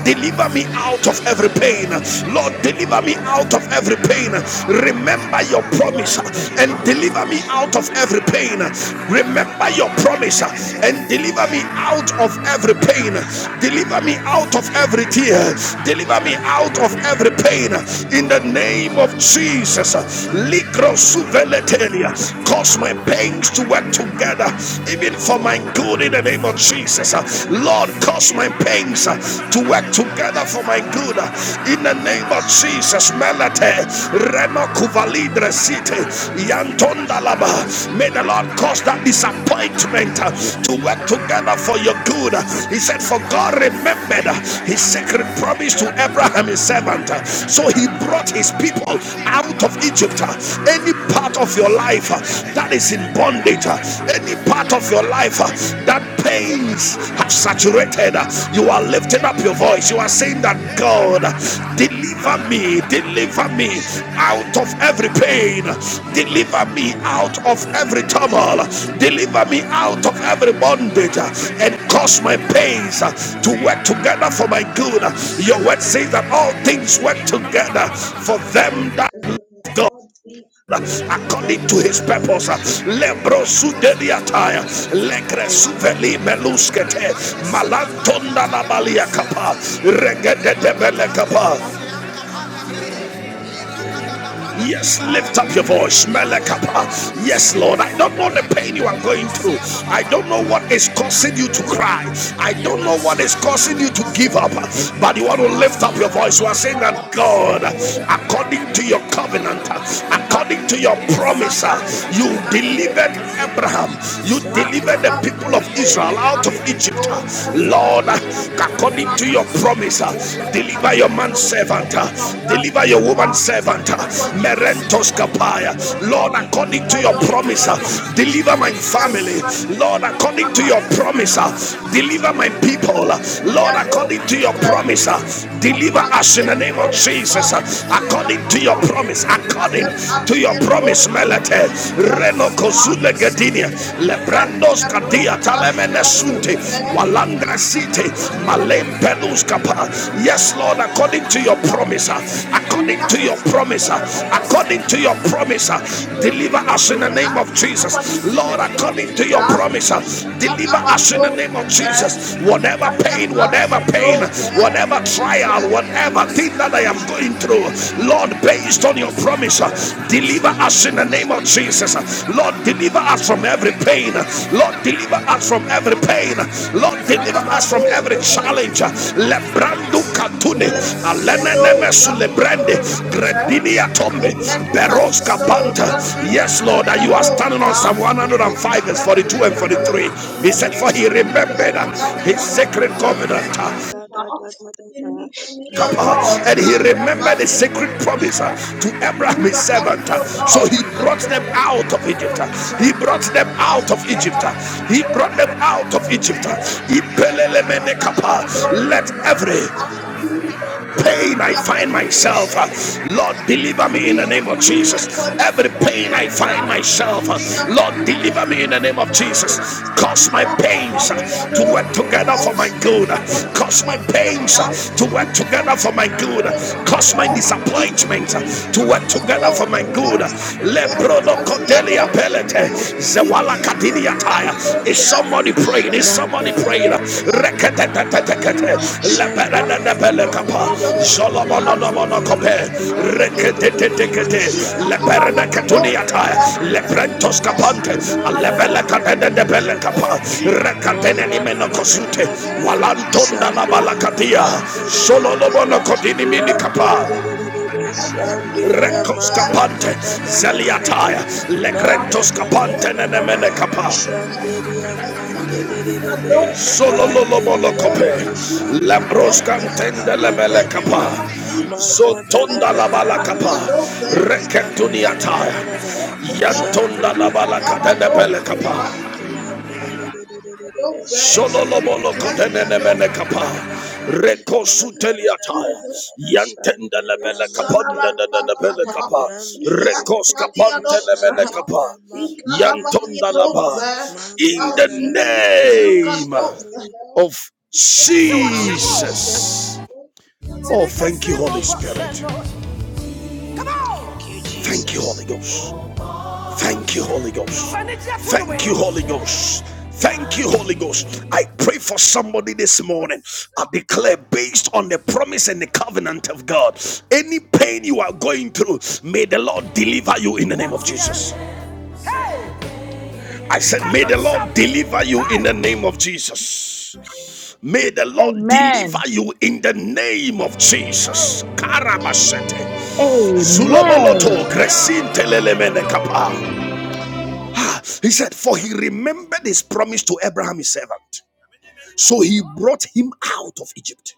Speaker 1: deliver me out of every pain. Lord, deliver me out of every pain. Remember your promise and deliver me out of every pain. Remember your promise and
Speaker 2: Shandiriya
Speaker 1: deliver me out of every pain. Deliver me out of every tear. Deliver me out of every pain. In the name of Jesus. Ligro suveletelia cause my pains to work together, even for my good in the name of Jesus. Lord, cause my pains to work together for my good
Speaker 2: Shandiriya
Speaker 1: in the name of Jesus. Melate, Rema Kuvalidre City, Yantondalaba. May the Lord cause that disappointment to work together for your good. He said, For God remembered his sacred promise to Abraham, his servant. So he brought his people out of Egypt. Any any part of your life uh, that is in bondage, uh, any part of your life uh, that pains have saturated, uh, you are lifting up your voice. You are saying that God, uh,
Speaker 2: Shandelia
Speaker 1: deliver me,
Speaker 2: Mandarada
Speaker 1: deliver
Speaker 2: Yandarada
Speaker 1: me out
Speaker 2: Shandelia
Speaker 1: of every pain, deliver me out of every turmoil, deliver me out of every
Speaker 2: Mandarada
Speaker 1: bondage, uh, and
Speaker 2: Deliver me,
Speaker 1: cause
Speaker 2: O
Speaker 1: my
Speaker 2: God,
Speaker 1: pains uh,
Speaker 2: deliver
Speaker 1: to
Speaker 2: me, O
Speaker 1: work together
Speaker 2: God.
Speaker 1: for my good. Your word
Speaker 2: Mandarada
Speaker 1: says that all things
Speaker 2: Shandelia
Speaker 1: work together for them that.
Speaker 2: Mandarada
Speaker 1: God
Speaker 2: Mangada
Speaker 1: according to his purpose. Lembro su deliataya, legre su veli meluskete, malantonda la balia capa, regede de bele capa. Yes, lift up your voice, Melekapa. Yes, Lord, I don't know the pain you are going through. I don't know what is causing you to cry. I don't know what is causing you to give up. But you want to lift up your voice. You are saying that God, according to your covenant,
Speaker 2: Ram
Speaker 1: according according to your promise, uh, you delivered
Speaker 2: Mankararararararararara.
Speaker 1: Abraham, you delivered the
Speaker 2: Shanderia
Speaker 1: people of Israel out of
Speaker 2: mandererererere.
Speaker 1: Egypt. uh,
Speaker 4: According to
Speaker 1: Lord,
Speaker 4: your
Speaker 1: uh,
Speaker 4: promises,
Speaker 1: according to your
Speaker 2: Ramderererererere.
Speaker 1: promise, uh,
Speaker 2: Shanderia
Speaker 1: deliver your man servant, uh,
Speaker 2: makarararararara.
Speaker 1: deliver your woman servant, uh, Merentos Kapaya.
Speaker 4: oh
Speaker 2: Mankararararararararararara.
Speaker 1: Lord,
Speaker 4: God,
Speaker 1: according to
Speaker 4: deliver
Speaker 1: your
Speaker 4: your
Speaker 1: promise, uh,
Speaker 2: Manderererere.
Speaker 4: daughter.
Speaker 1: deliver my
Speaker 4: In
Speaker 2: Shanderia
Speaker 4: the
Speaker 1: family.
Speaker 4: Levadi,
Speaker 1: Lord, according to
Speaker 4: Papa,
Speaker 1: your
Speaker 4: in the
Speaker 1: promise, uh,
Speaker 2: makarararararararara.
Speaker 4: Bahat,
Speaker 1: deliver my
Speaker 4: in the
Speaker 1: people. Lord,
Speaker 4: Levadi, Adolf,
Speaker 1: according
Speaker 2: Mankarararararararara.
Speaker 1: to your promise, uh,
Speaker 2: Shanderia
Speaker 4: in the
Speaker 1: deliver
Speaker 4: Pati,
Speaker 1: us in
Speaker 2: mandererere.
Speaker 1: the name of
Speaker 4: Adolf. God,
Speaker 1: Jesus.
Speaker 4: we
Speaker 1: according
Speaker 4: God,
Speaker 1: according to your
Speaker 4: about
Speaker 1: promise,
Speaker 4: we can
Speaker 1: according
Speaker 4: never
Speaker 1: to
Speaker 4: be
Speaker 1: your
Speaker 4: a
Speaker 1: promise,
Speaker 4: those of
Speaker 1: Melete,
Speaker 4: these of
Speaker 1: Reno
Speaker 4: God.
Speaker 1: Kozule
Speaker 4: We
Speaker 1: Gedinia,
Speaker 4: can never be
Speaker 1: Lebrendos
Speaker 4: a
Speaker 1: Kadia
Speaker 4: those of the
Speaker 1: Talemene
Speaker 4: those.
Speaker 1: Sunti, Walandra
Speaker 4: According
Speaker 1: City,
Speaker 4: to your
Speaker 1: Malem
Speaker 4: promise, according
Speaker 1: Pelus
Speaker 4: to
Speaker 1: Kapa.
Speaker 4: your God,
Speaker 1: Yes, Lord,
Speaker 4: from
Speaker 1: according
Speaker 4: faith
Speaker 1: to
Speaker 4: to
Speaker 1: your
Speaker 4: the God,
Speaker 1: promise, uh,
Speaker 4: you will leave
Speaker 1: according to your
Speaker 4: us
Speaker 1: promise, uh,
Speaker 4: Father from faith
Speaker 1: according to
Speaker 4: to
Speaker 1: your
Speaker 4: the God.
Speaker 1: promise, uh,
Speaker 4: Giving it
Speaker 1: deliver us in
Speaker 4: properly,
Speaker 1: the name of Jesus.
Speaker 4: according to
Speaker 1: Lord,
Speaker 4: your
Speaker 1: according to
Speaker 4: promises,
Speaker 1: your
Speaker 4: God,
Speaker 1: promise, uh,
Speaker 4: we shall
Speaker 1: deliver
Speaker 4: about
Speaker 1: us in the
Speaker 2: Ram
Speaker 4: those.
Speaker 1: name of Jesus.
Speaker 4: We can
Speaker 1: Whatever pain,
Speaker 4: never be
Speaker 1: whatever
Speaker 4: a
Speaker 1: pain, whatever
Speaker 2: Shandiri
Speaker 1: trial,
Speaker 4: those.
Speaker 1: whatever whatever thing that I am going through, Lord, based on your promise, uh, deliver us in the name of Jesus. Uh, Lord, deliver us from every pain. Uh, Lord, deliver us from every pain. Uh, Lord, deliver us
Speaker 4: Sanamado
Speaker 1: from every
Speaker 4: Zahar,
Speaker 1: challenge. Uh, Lebrandu katune,
Speaker 4: Zelevatiado,
Speaker 1: aleneneme
Speaker 4: Zatiado
Speaker 1: sulebrande,
Speaker 4: Zahar,
Speaker 1: gredinia tombe,
Speaker 4: Legata
Speaker 1: beroska
Speaker 4: Vatiado,
Speaker 1: panta.
Speaker 4: Zati
Speaker 1: Yes, Lord, that you are
Speaker 4: Vatiado
Speaker 1: standing on
Speaker 4: Shah,
Speaker 1: Psalm 105, verse
Speaker 2: Mandiririri
Speaker 1: 42 and
Speaker 4: Zelevatiado
Speaker 1: 43. He
Speaker 4: Zahar,
Speaker 1: said, For he remembered uh, his
Speaker 4: Zelevatiado
Speaker 1: sacred
Speaker 2: Sandalia
Speaker 4: Zati Bet
Speaker 1: covenant
Speaker 2: Maga da da
Speaker 4: Shah,
Speaker 2: da da da da
Speaker 4: Deliver me,
Speaker 1: up,
Speaker 4: O
Speaker 1: uh,
Speaker 2: Maga
Speaker 4: God.
Speaker 2: da
Speaker 1: and
Speaker 2: da
Speaker 1: he
Speaker 4: Come,
Speaker 2: da da da
Speaker 4: never
Speaker 1: remembered
Speaker 2: da
Speaker 1: the
Speaker 2: da da
Speaker 1: sacred
Speaker 2: da
Speaker 1: promise uh,
Speaker 4: the
Speaker 1: to
Speaker 2: Sandalia
Speaker 1: Abraham his
Speaker 4: Deliver us,
Speaker 1: servant.
Speaker 4: O
Speaker 1: uh,
Speaker 2: Mandaria
Speaker 1: So
Speaker 4: Lord,
Speaker 1: he
Speaker 4: and
Speaker 1: brought
Speaker 4: tell
Speaker 1: them
Speaker 4: the what
Speaker 1: out of
Speaker 4: we are
Speaker 1: Egypt.
Speaker 4: doing,
Speaker 1: uh,
Speaker 2: Randaria
Speaker 4: okay?
Speaker 1: He brought
Speaker 4: We
Speaker 1: them
Speaker 2: Sandalia
Speaker 4: just
Speaker 1: out of
Speaker 4: tell
Speaker 2: Maga
Speaker 1: Egypt.
Speaker 2: da
Speaker 4: us what
Speaker 1: uh,
Speaker 4: we
Speaker 2: da da
Speaker 4: are
Speaker 1: He
Speaker 2: da
Speaker 4: doing,
Speaker 2: da
Speaker 1: brought
Speaker 2: da
Speaker 1: them
Speaker 4: what we are
Speaker 1: out of
Speaker 4: doing,
Speaker 1: Egypt. uh,
Speaker 4: okay?
Speaker 2: Maga
Speaker 4: And
Speaker 2: da da da
Speaker 4: tell
Speaker 2: da da da
Speaker 4: us
Speaker 2: da
Speaker 4: what we are
Speaker 2: Sandalia
Speaker 4: doing,
Speaker 1: Let
Speaker 4: okay?
Speaker 1: every
Speaker 4: And
Speaker 2: Mandaria
Speaker 4: be unto
Speaker 1: pain
Speaker 4: me
Speaker 1: I find
Speaker 4: according to
Speaker 2: Randaria
Speaker 4: your
Speaker 1: myself, uh,
Speaker 4: promise, God.
Speaker 1: Lord,
Speaker 2: Sandalia
Speaker 1: deliver
Speaker 4: Be
Speaker 2: Maga
Speaker 1: me in
Speaker 2: da
Speaker 1: the name
Speaker 4: unto
Speaker 1: of
Speaker 2: da
Speaker 4: me
Speaker 2: da da
Speaker 1: Jesus.
Speaker 2: da
Speaker 4: according to
Speaker 1: Every
Speaker 4: your
Speaker 1: pain I
Speaker 4: promise,
Speaker 2: Maga
Speaker 1: find
Speaker 2: da da da
Speaker 1: myself,
Speaker 4: Be
Speaker 1: uh,
Speaker 4: unto
Speaker 1: Lord,
Speaker 4: me
Speaker 2: Sandalia
Speaker 1: deliver
Speaker 4: according
Speaker 1: me
Speaker 4: to
Speaker 1: in the
Speaker 4: your
Speaker 1: name of
Speaker 4: promise,
Speaker 1: Jesus.
Speaker 2: Mandaria
Speaker 4: Be
Speaker 1: Cause my
Speaker 4: up
Speaker 1: pains
Speaker 4: about
Speaker 1: uh,
Speaker 4: the
Speaker 2: Ram
Speaker 1: to
Speaker 4: others,
Speaker 1: work together
Speaker 4: okay?
Speaker 1: for my
Speaker 4: Be
Speaker 1: good.
Speaker 4: according to
Speaker 1: Cause my
Speaker 4: your word,
Speaker 1: pains uh,
Speaker 4: God.
Speaker 1: to
Speaker 4: Be
Speaker 1: work
Speaker 4: down
Speaker 1: together for my
Speaker 4: above
Speaker 1: good. Cause my disappointment uh, to work together for my good. Leprono Codelia Pelete, Zewala Kadidia is somebody praying? Is somebody praying? Reketetetetekete. Leperenenepelekapa.
Speaker 2: Magadadadadadada. Manga da da da da da da.
Speaker 4: I'll
Speaker 2: Shanderia man de de de de de
Speaker 4: tell
Speaker 2: de.
Speaker 4: you what you
Speaker 2: Ram
Speaker 4: do,
Speaker 2: de de de
Speaker 4: man.
Speaker 2: de de de
Speaker 4: You
Speaker 2: de.
Speaker 4: let that be a
Speaker 2: Shanderia maga
Speaker 4: business.
Speaker 2: da da da da
Speaker 4: الزمن
Speaker 2: da da da.
Speaker 4: الجديد
Speaker 1: zeliataya,
Speaker 4: كالروضة
Speaker 2: Maga
Speaker 1: legrentos
Speaker 2: da da da
Speaker 1: kapante
Speaker 2: da da
Speaker 4: يبتلي
Speaker 1: nenemene
Speaker 2: da.
Speaker 1: kapa.
Speaker 4: الروضها
Speaker 2: Shanderia man de de de de de.
Speaker 4: والزمن كالروضها
Speaker 2: Ram de de de de
Speaker 4: Because
Speaker 1: Sololomolokope,
Speaker 2: de de.
Speaker 4: it is
Speaker 2: Shanderia maga
Speaker 4: Kadova
Speaker 1: Labroscantende
Speaker 2: da
Speaker 4: in
Speaker 2: da
Speaker 4: the
Speaker 2: da
Speaker 1: Lebelecapa,
Speaker 2: da.
Speaker 4: name of Jesus,
Speaker 2: Maga da
Speaker 4: like
Speaker 2: da
Speaker 1: Zotonda
Speaker 2: da
Speaker 4: that
Speaker 2: da
Speaker 4: the
Speaker 2: da da da
Speaker 1: Labalacapa,
Speaker 4: Fatia
Speaker 2: da.
Speaker 4: Brova,
Speaker 2: Maga
Speaker 4: and
Speaker 2: da da
Speaker 4: then
Speaker 2: da da
Speaker 1: Reketuniataya,
Speaker 2: da da da.
Speaker 4: the family above the hell,
Speaker 1: Yantonda
Speaker 4: we
Speaker 2: Shanderia
Speaker 4: got
Speaker 2: man
Speaker 4: about
Speaker 2: de
Speaker 1: Labalacadene
Speaker 2: de de de
Speaker 4: those, the
Speaker 2: de.
Speaker 1: Pelecapa,
Speaker 4: heart, and then those, we
Speaker 2: Shandelia
Speaker 1: Shololobolo
Speaker 4: tell you
Speaker 2: manga
Speaker 1: kodenene
Speaker 2: da
Speaker 4: those,
Speaker 1: mene
Speaker 2: da da
Speaker 1: kapa.
Speaker 2: da da da da
Speaker 4: in the
Speaker 1: Reko
Speaker 2: manga
Speaker 4: name
Speaker 2: da
Speaker 4: of
Speaker 1: sutelia
Speaker 2: da da
Speaker 1: taya.
Speaker 2: da da
Speaker 4: Jesus,
Speaker 2: da da
Speaker 1: Yantenda
Speaker 4: well,
Speaker 2: shandelia
Speaker 1: lebele
Speaker 2: mande
Speaker 1: kapanda
Speaker 2: de
Speaker 1: da
Speaker 2: de
Speaker 1: da
Speaker 2: de de
Speaker 1: bele kapa.
Speaker 2: ram de de de de
Speaker 1: Rekos
Speaker 2: de de de de
Speaker 1: kapante lemene
Speaker 2: shandelia
Speaker 1: kapa.
Speaker 2: manga da da
Speaker 1: Yantonda
Speaker 2: da da
Speaker 1: laba.
Speaker 2: manga
Speaker 1: In
Speaker 2: da
Speaker 1: the
Speaker 2: da da da da
Speaker 4: Zimini
Speaker 2: da da da da
Speaker 4: Izuka
Speaker 1: name
Speaker 4: knows the
Speaker 2: shandelia
Speaker 4: hell.
Speaker 1: of
Speaker 4: In the
Speaker 2: of
Speaker 4: name of Jesus.
Speaker 2: Jesus.
Speaker 1: Jesus. Oh, thank you, Holy
Speaker 2: Amen.
Speaker 1: Spirit.
Speaker 2: Thank you,
Speaker 1: Thank you, Holy
Speaker 2: Jesus.
Speaker 1: Ghost. Thank you, Holy Ghost. Thank you, Holy Ghost. Thank you, Holy Ghost. I pray for somebody this morning. I declare, based on the promise and the covenant of God, any pain you are going through, may the Lord deliver you in the name of Jesus. I said, May the Lord deliver you in the name of Jesus. May the Lord deliver you in the name of Jesus. Karabashete. Zuloboloto, Gresin Telelemene He said, For he remembered his promise to Abraham, his servant. So he brought him out of Egypt.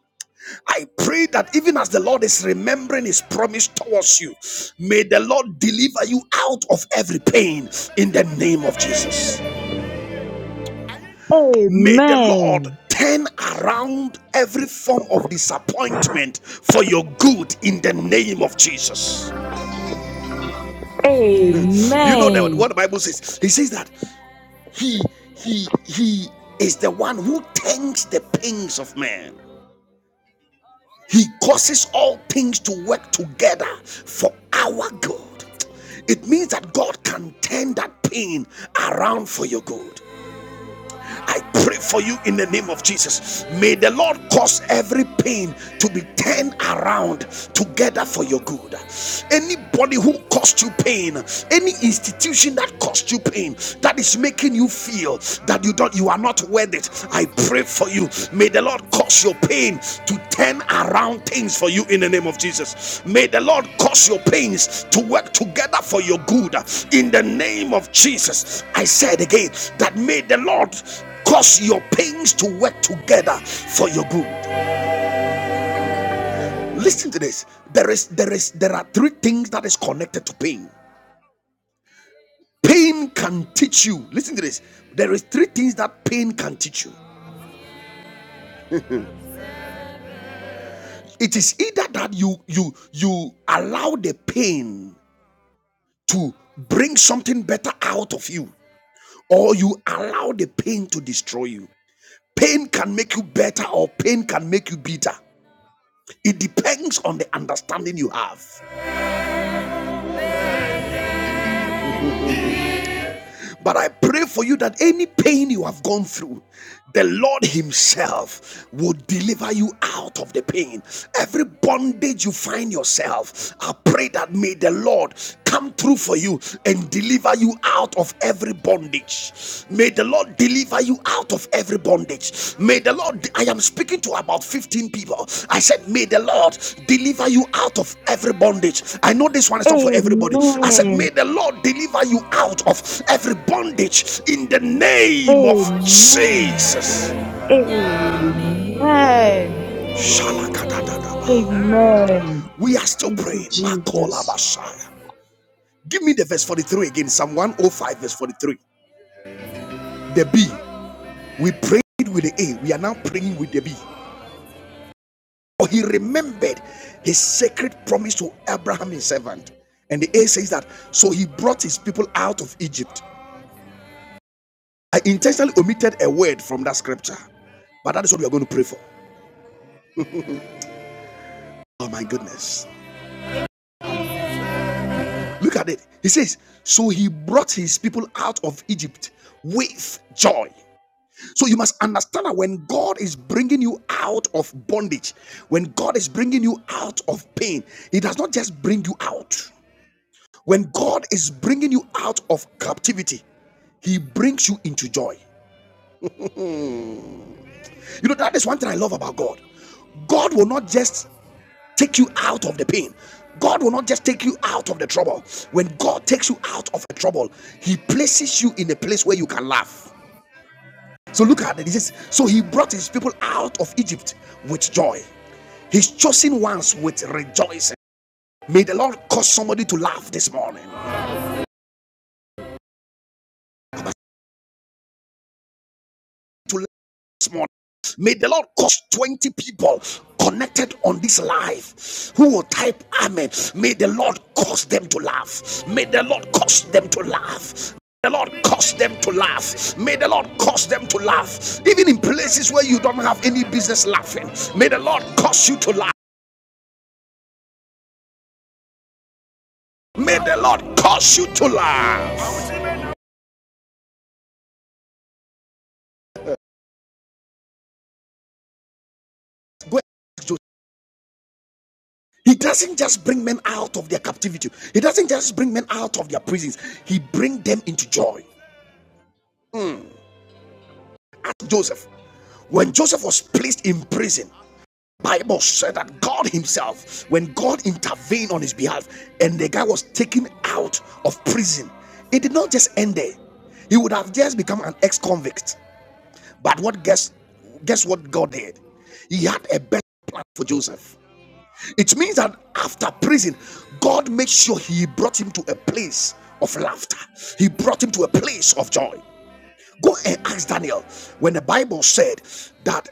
Speaker 1: I pray that even as the Lord is remembering his promise towards you, may the Lord deliver you out of every pain in the name of Jesus. May the Lord turn around every form of disappointment for your good in the name of Jesus. Hmm. You know that what the Bible says? He says that He he he is the one who tends the things of man. He causes all things to work together for our good. It means that God can turn that pain around for your good. I pray for you in the name of Jesus. May the Lord cause every pain to be turned around together for your good. Anybody who caused you pain, any institution that caused you pain, that is making you feel that you don't you are not worth it. I pray for you. May the Lord cause your pain to turn around things for you in the name of Jesus. May the Lord cause your pains to work together for your good in the name of Jesus. I said again that may the Lord cause your pains to work together for your good listen to this there is there is there are three things that is connected to pain pain can teach you listen to this there is three things that pain can teach you it is either that you you you allow the pain to bring something better out of you or you allow the pain to destroy you pain can make you better or pain can make you bitter it depends on the understanding you have But I pray for you that any pain you have gone through, the Lord Himself will deliver you out of the pain. Every bondage you find yourself, I pray that may the Lord come through for you and deliver you out of every bondage. May the Lord deliver you out of every bondage. May the Lord, I am speaking to about 15 people. I said, May the Lord deliver you out of every bondage. I know this one is not for everybody. I said, May the Lord deliver you out of every bondage in the name of Jesus. We are still praying. Give me the verse 43 again. Psalm 105, verse 43. The B. We prayed with the A. We are now praying with the B. For he remembered his sacred promise to Abraham, his servant. And the A says that, so he brought his people out of Egypt. I intentionally omitted a word from that scripture, but that is what we are going to pray for. Oh my goodness. Look at it. He says, so he brought his people out of Egypt with joy. So you must understand that when God is bringing you out of bondage, when God is bringing you out of pain, he does not just bring you out. When God is bringing you out of captivity, He brings you into joy. Mm. You know, that is one thing I love about God. God will not just take you out of the pain. God will not just take you out of the trouble. When God takes you out of the trouble, He places you in a place where you can laugh. So look at it. He says, So He brought His people out of Egypt with joy, His chosen ones with rejoicing. May the Lord cause somebody to laugh this morning. To this morning. May the Lord cause 20 people connected on this live who will type Amen. May the Lord cause them to laugh. May the Lord cause them to laugh. May The Lord cause them to laugh. May the Lord cause them to laugh. Even in places where you don't have any business laughing. May the Lord cause you to laugh. May the Lord cause you to laugh. He doesn't just bring men out of their captivity. He doesn't just bring men out of their prisons. He brings them into joy. Mm. Ask Joseph. When Joseph was placed in prison, Bible said that God Himself, when God intervened on his behalf, and the guy was taken out of prison, it did not just end there. He would have just become an ex-convict. But what guess guess what God did? He had a better plan for Joseph. It means that after prison, God made sure He brought him to a place of laughter. He brought him to a place of joy. Go and ask Daniel when the Bible said that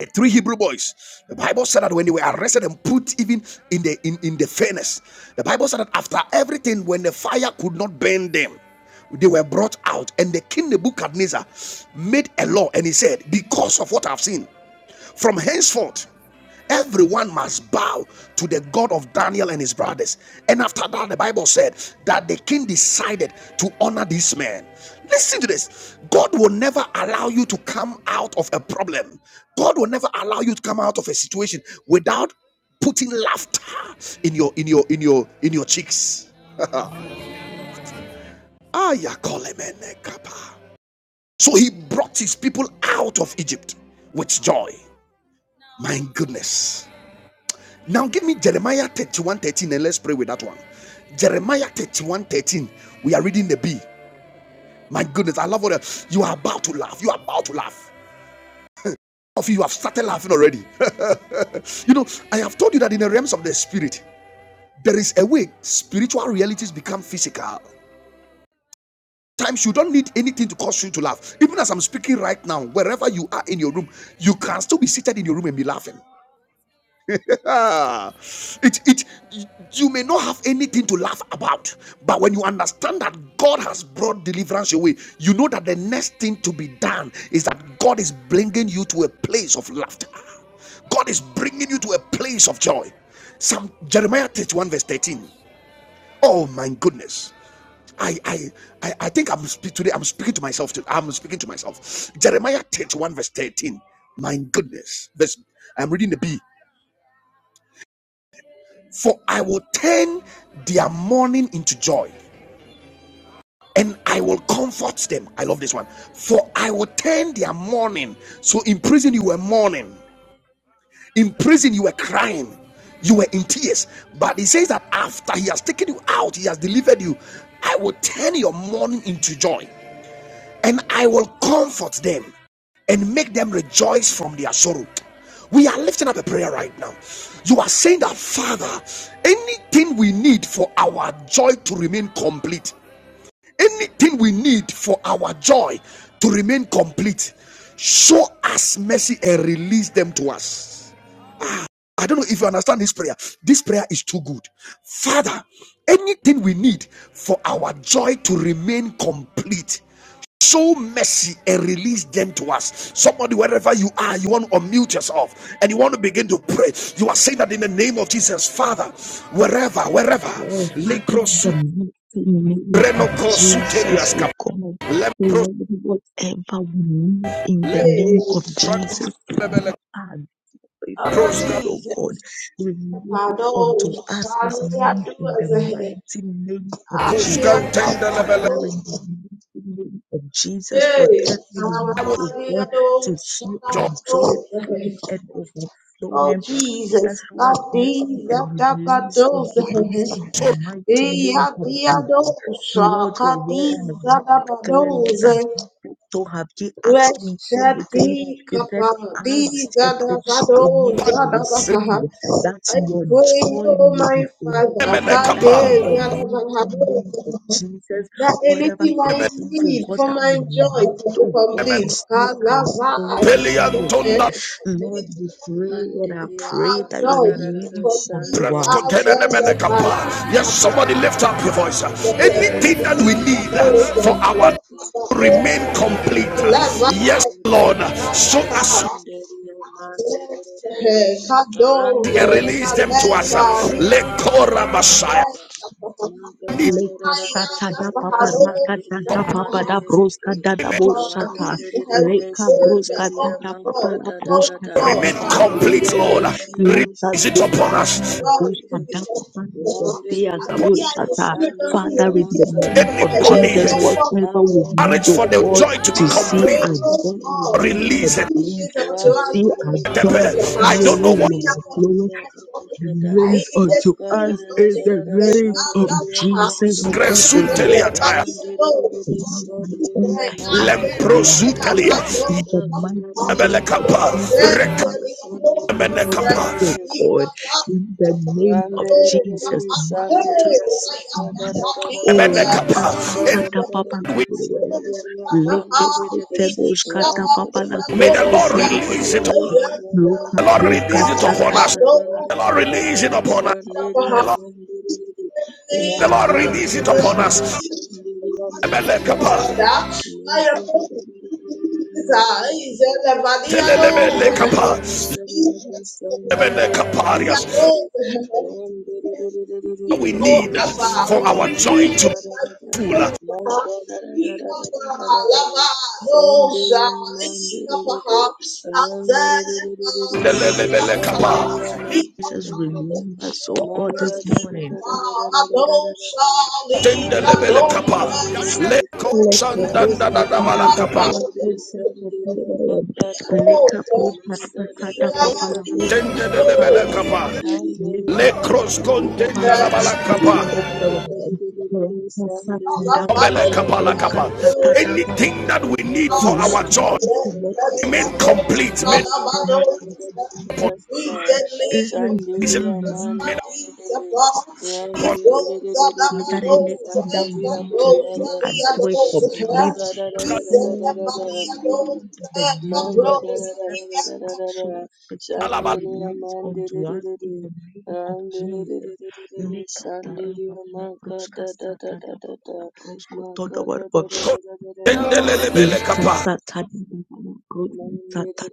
Speaker 1: Eh, three Hebrew boys. The Bible said that when they were arrested and put even in the in, in the furnace, the Bible said that after everything, when the fire could not burn them, they were brought out. And the king Nebuchadnezzar made a law and he said, Because of what I've seen. From henceforth, everyone must bow to the God of Daniel and his brothers. And after that, the Bible said that the king decided to honor this man. Listen to this God will never allow you to come out of a problem, God will never allow you to come out of a situation without putting laughter in your in your in your in your cheeks Ah, ya call him a nekapa. so he brought his people out of egypt with joy my goodness Now give me Jeremiah 31 13 and let's pray with that one. Jeremiah 31 13. We are reading the B. My goodness, I love what uh, you are about to laugh. You are about to laugh. Of you, you have started laughing already. you know, I have told you that in the realms of the spirit, there is a way spiritual realities become physical. Times you don't need anything to cause you to laugh. Even as I'm speaking right now, wherever you are in your room, you can still be seated in your room and be laughing. Ah, it, it you may not have anything to laugh about, but when you understand that God has brought deliverance your way, you know that the next thing to be done is that God is bringing you to a place of laughter. God is bringing you to a place of joy. Some Jeremiah 31 verse 13. Oh my goodness. I I I, I think I'm speak today. I'm speaking to myself. To, I'm speaking to myself. Jeremiah 31 verse 13. My goodness. This I'm reading the B. For I will turn their mourning into joy, and I will comfort them. I love this one. For I will turn their mourning. So in prison you were mourning, in prison you were crying, you were in tears. But he says that after he has taken you out, he has delivered you. I will turn your mourning into joy and I will comfort them and make them rejoice from their sorrow. We are lifting up a prayer right now. You are saying that, Father, anything we need for our joy to remain complete, anything we need for our joy to remain complete, show us mercy and release them to us. I don't know if you understand this prayer. This prayer is too good. Father, anything we need for our joy to remain complete, show mercy and release them to us. Somebody, wherever you are, you want to unmute yourself and you want to begin to pray. You are saying that in the name of Jesus, Father, wherever, wherever,
Speaker 4: Oh, Jesus. I know. I do as a head. I am the Hey,
Speaker 1: I will
Speaker 4: I am
Speaker 1: rejoice.
Speaker 4: the Hey. Oh Jesus, Kadiza Dabadoza,
Speaker 1: So-
Speaker 4: Ia Diadosa, Kadiza Dabadoza, Reshati Kapadiza Dabadoza Dabaha. I pray, oh my Father, Kadiza Dabadoza, that anything I need for my joy to be complete, Kalava Diza,
Speaker 2: Mandelia manga
Speaker 4: Father,
Speaker 2: da da da
Speaker 4: you
Speaker 2: da
Speaker 4: complete our
Speaker 2: shandelia
Speaker 4: valor,
Speaker 2: mande
Speaker 4: my
Speaker 2: de de
Speaker 4: weak,
Speaker 1: Yes,
Speaker 2: de
Speaker 4: Papa.
Speaker 1: somebody
Speaker 2: Manka da da da da
Speaker 1: lift up your voice. Anything
Speaker 2: da,
Speaker 1: that we
Speaker 4: Oh,
Speaker 1: need for
Speaker 4: the
Speaker 1: our
Speaker 4: oh, Abba,
Speaker 1: to
Speaker 4: oh,
Speaker 1: remain complete.
Speaker 4: Abba, my
Speaker 1: Yes, Lord. Show
Speaker 4: lever,
Speaker 1: as
Speaker 4: Papa.
Speaker 1: we
Speaker 4: Kadove,
Speaker 1: release them to us.
Speaker 4: Aleva,
Speaker 1: Let Korah Messiah
Speaker 2: Manka
Speaker 1: need
Speaker 2: da da da da
Speaker 4: That's the
Speaker 2: da,
Speaker 1: complete,
Speaker 2: Manka
Speaker 4: hallelujah. God, we need to have we pray that, oh
Speaker 2: da
Speaker 4: God,
Speaker 2: da da
Speaker 4: oh God,
Speaker 1: remain
Speaker 4: uh,
Speaker 1: complete,
Speaker 4: anything
Speaker 1: Lord.
Speaker 4: that
Speaker 1: Release
Speaker 4: you
Speaker 1: it upon
Speaker 4: are,
Speaker 1: us.
Speaker 2: da
Speaker 4: God, to be
Speaker 2: da,
Speaker 4: so
Speaker 2: Rande de de de
Speaker 4: Àbí
Speaker 2: de
Speaker 4: bí
Speaker 2: de de
Speaker 4: ayò ìlú ẹ̀rọ ayò
Speaker 2: Shandelia
Speaker 4: mi jẹ́
Speaker 2: manga
Speaker 4: orí
Speaker 2: da da da
Speaker 4: ẹ̀yẹ
Speaker 2: da
Speaker 1: Anybody,
Speaker 2: da
Speaker 4: ìyá gbọ́.
Speaker 2: manga da
Speaker 1: marriage
Speaker 2: da
Speaker 1: for
Speaker 2: da da
Speaker 1: the
Speaker 2: da
Speaker 1: joy
Speaker 2: da da
Speaker 1: to be
Speaker 2: da
Speaker 4: We
Speaker 1: complete,
Speaker 4: pray,
Speaker 2: shandelia
Speaker 4: oh
Speaker 2: manga
Speaker 4: God,
Speaker 2: da
Speaker 4: you
Speaker 2: da
Speaker 1: release it.
Speaker 2: da
Speaker 4: do this unto
Speaker 2: rangi
Speaker 4: us
Speaker 2: da
Speaker 4: by
Speaker 2: da
Speaker 4: your
Speaker 2: da da da
Speaker 4: spirit in
Speaker 2: da da
Speaker 4: the
Speaker 2: da
Speaker 1: I don't
Speaker 4: house.
Speaker 1: know
Speaker 4: You
Speaker 1: what.
Speaker 4: mean our
Speaker 2: shandelia manga
Speaker 4: conscience of prophesy
Speaker 2: da
Speaker 4: in the name
Speaker 2: da
Speaker 4: of
Speaker 2: da da manga da da da da da da shandelia
Speaker 4: Jesus. Allah, Allah,
Speaker 2: manga da da
Speaker 4: and
Speaker 1: soon
Speaker 2: da
Speaker 4: the
Speaker 1: Gresutelia tire,
Speaker 4: Levadi
Speaker 2: rangi da da da
Speaker 4: alone.
Speaker 2: da shandelia
Speaker 4: I'm
Speaker 2: manga da da da
Speaker 1: lempro
Speaker 4: very
Speaker 1: soon
Speaker 2: da
Speaker 4: about. I
Speaker 1: tell
Speaker 2: da
Speaker 4: don't
Speaker 1: you,
Speaker 4: want to
Speaker 2: manga da da
Speaker 4: talk.
Speaker 2: da
Speaker 4: When
Speaker 1: Ebelekapa,
Speaker 4: We
Speaker 2: da
Speaker 4: pray,
Speaker 2: da da
Speaker 4: and
Speaker 2: da da
Speaker 4: the Levadi alone.
Speaker 2: shandelia manga
Speaker 1: rekamenekapa,
Speaker 2: da da
Speaker 4: We pray, and the Levadi We
Speaker 2: Ram
Speaker 4: pray, Oh, Hey, I am a
Speaker 1: ebenekapa.
Speaker 4: Jesus.
Speaker 1: And we
Speaker 4: Jesus,
Speaker 1: may the
Speaker 4: God,
Speaker 1: Lord release it. The Lord release it upon us. The Lord release it upon us. The Lord, the Lord release it upon us. Ebelekapa,
Speaker 4: I am his eyes and the body and
Speaker 2: Shandiria
Speaker 1: telelebelekapa,
Speaker 4: all. We are
Speaker 1: lebenekaparias.
Speaker 4: going to you,
Speaker 1: We
Speaker 4: oh
Speaker 1: need uh,
Speaker 4: Abba.
Speaker 1: for our
Speaker 4: We
Speaker 1: joy
Speaker 4: need
Speaker 1: to
Speaker 4: you.
Speaker 1: be full. uh,
Speaker 4: Abba. Ikapa, Lava, Dosha, Likapaha, Azaleka,
Speaker 1: telelebelekapa,
Speaker 4: Likapaha, Ikapa, Likapaha, Dosha, Likadosa,
Speaker 1: tendelebelekapa,
Speaker 2: Mandiria Shandiria
Speaker 4: we are Shali,
Speaker 1: Lekros contenda la
Speaker 4: Rest
Speaker 1: balakapa.
Speaker 4: on the
Speaker 1: Obele
Speaker 4: bubble,
Speaker 1: kapala
Speaker 4: walk
Speaker 1: kapa.
Speaker 4: through
Speaker 1: Anything that we need for our
Speaker 4: us. I
Speaker 1: joy,
Speaker 4: let the
Speaker 1: remain
Speaker 4: devil
Speaker 1: complete.
Speaker 4: from
Speaker 1: Made
Speaker 4: the bundle.
Speaker 1: upon
Speaker 4: We deliver us not
Speaker 1: made
Speaker 4: these
Speaker 2: Mandere
Speaker 4: above. He
Speaker 1: upon
Speaker 4: blows out the
Speaker 2: Randiririririri,
Speaker 4: battles and
Speaker 2: sandiria
Speaker 4: the blows of the
Speaker 2: mangadarara,
Speaker 4: adults. He's in the body
Speaker 2: mangadarararararara,
Speaker 4: of those and the blows of the
Speaker 2: mangadarararararara,
Speaker 1: Skalabalako.
Speaker 2: shandiria mandiririri, randiririririri, sandiria mangadadadadadada, mangadadadadadadada.
Speaker 1: Tendelelebele
Speaker 2: Thank you.
Speaker 1: kapa.
Speaker 2: Shandelia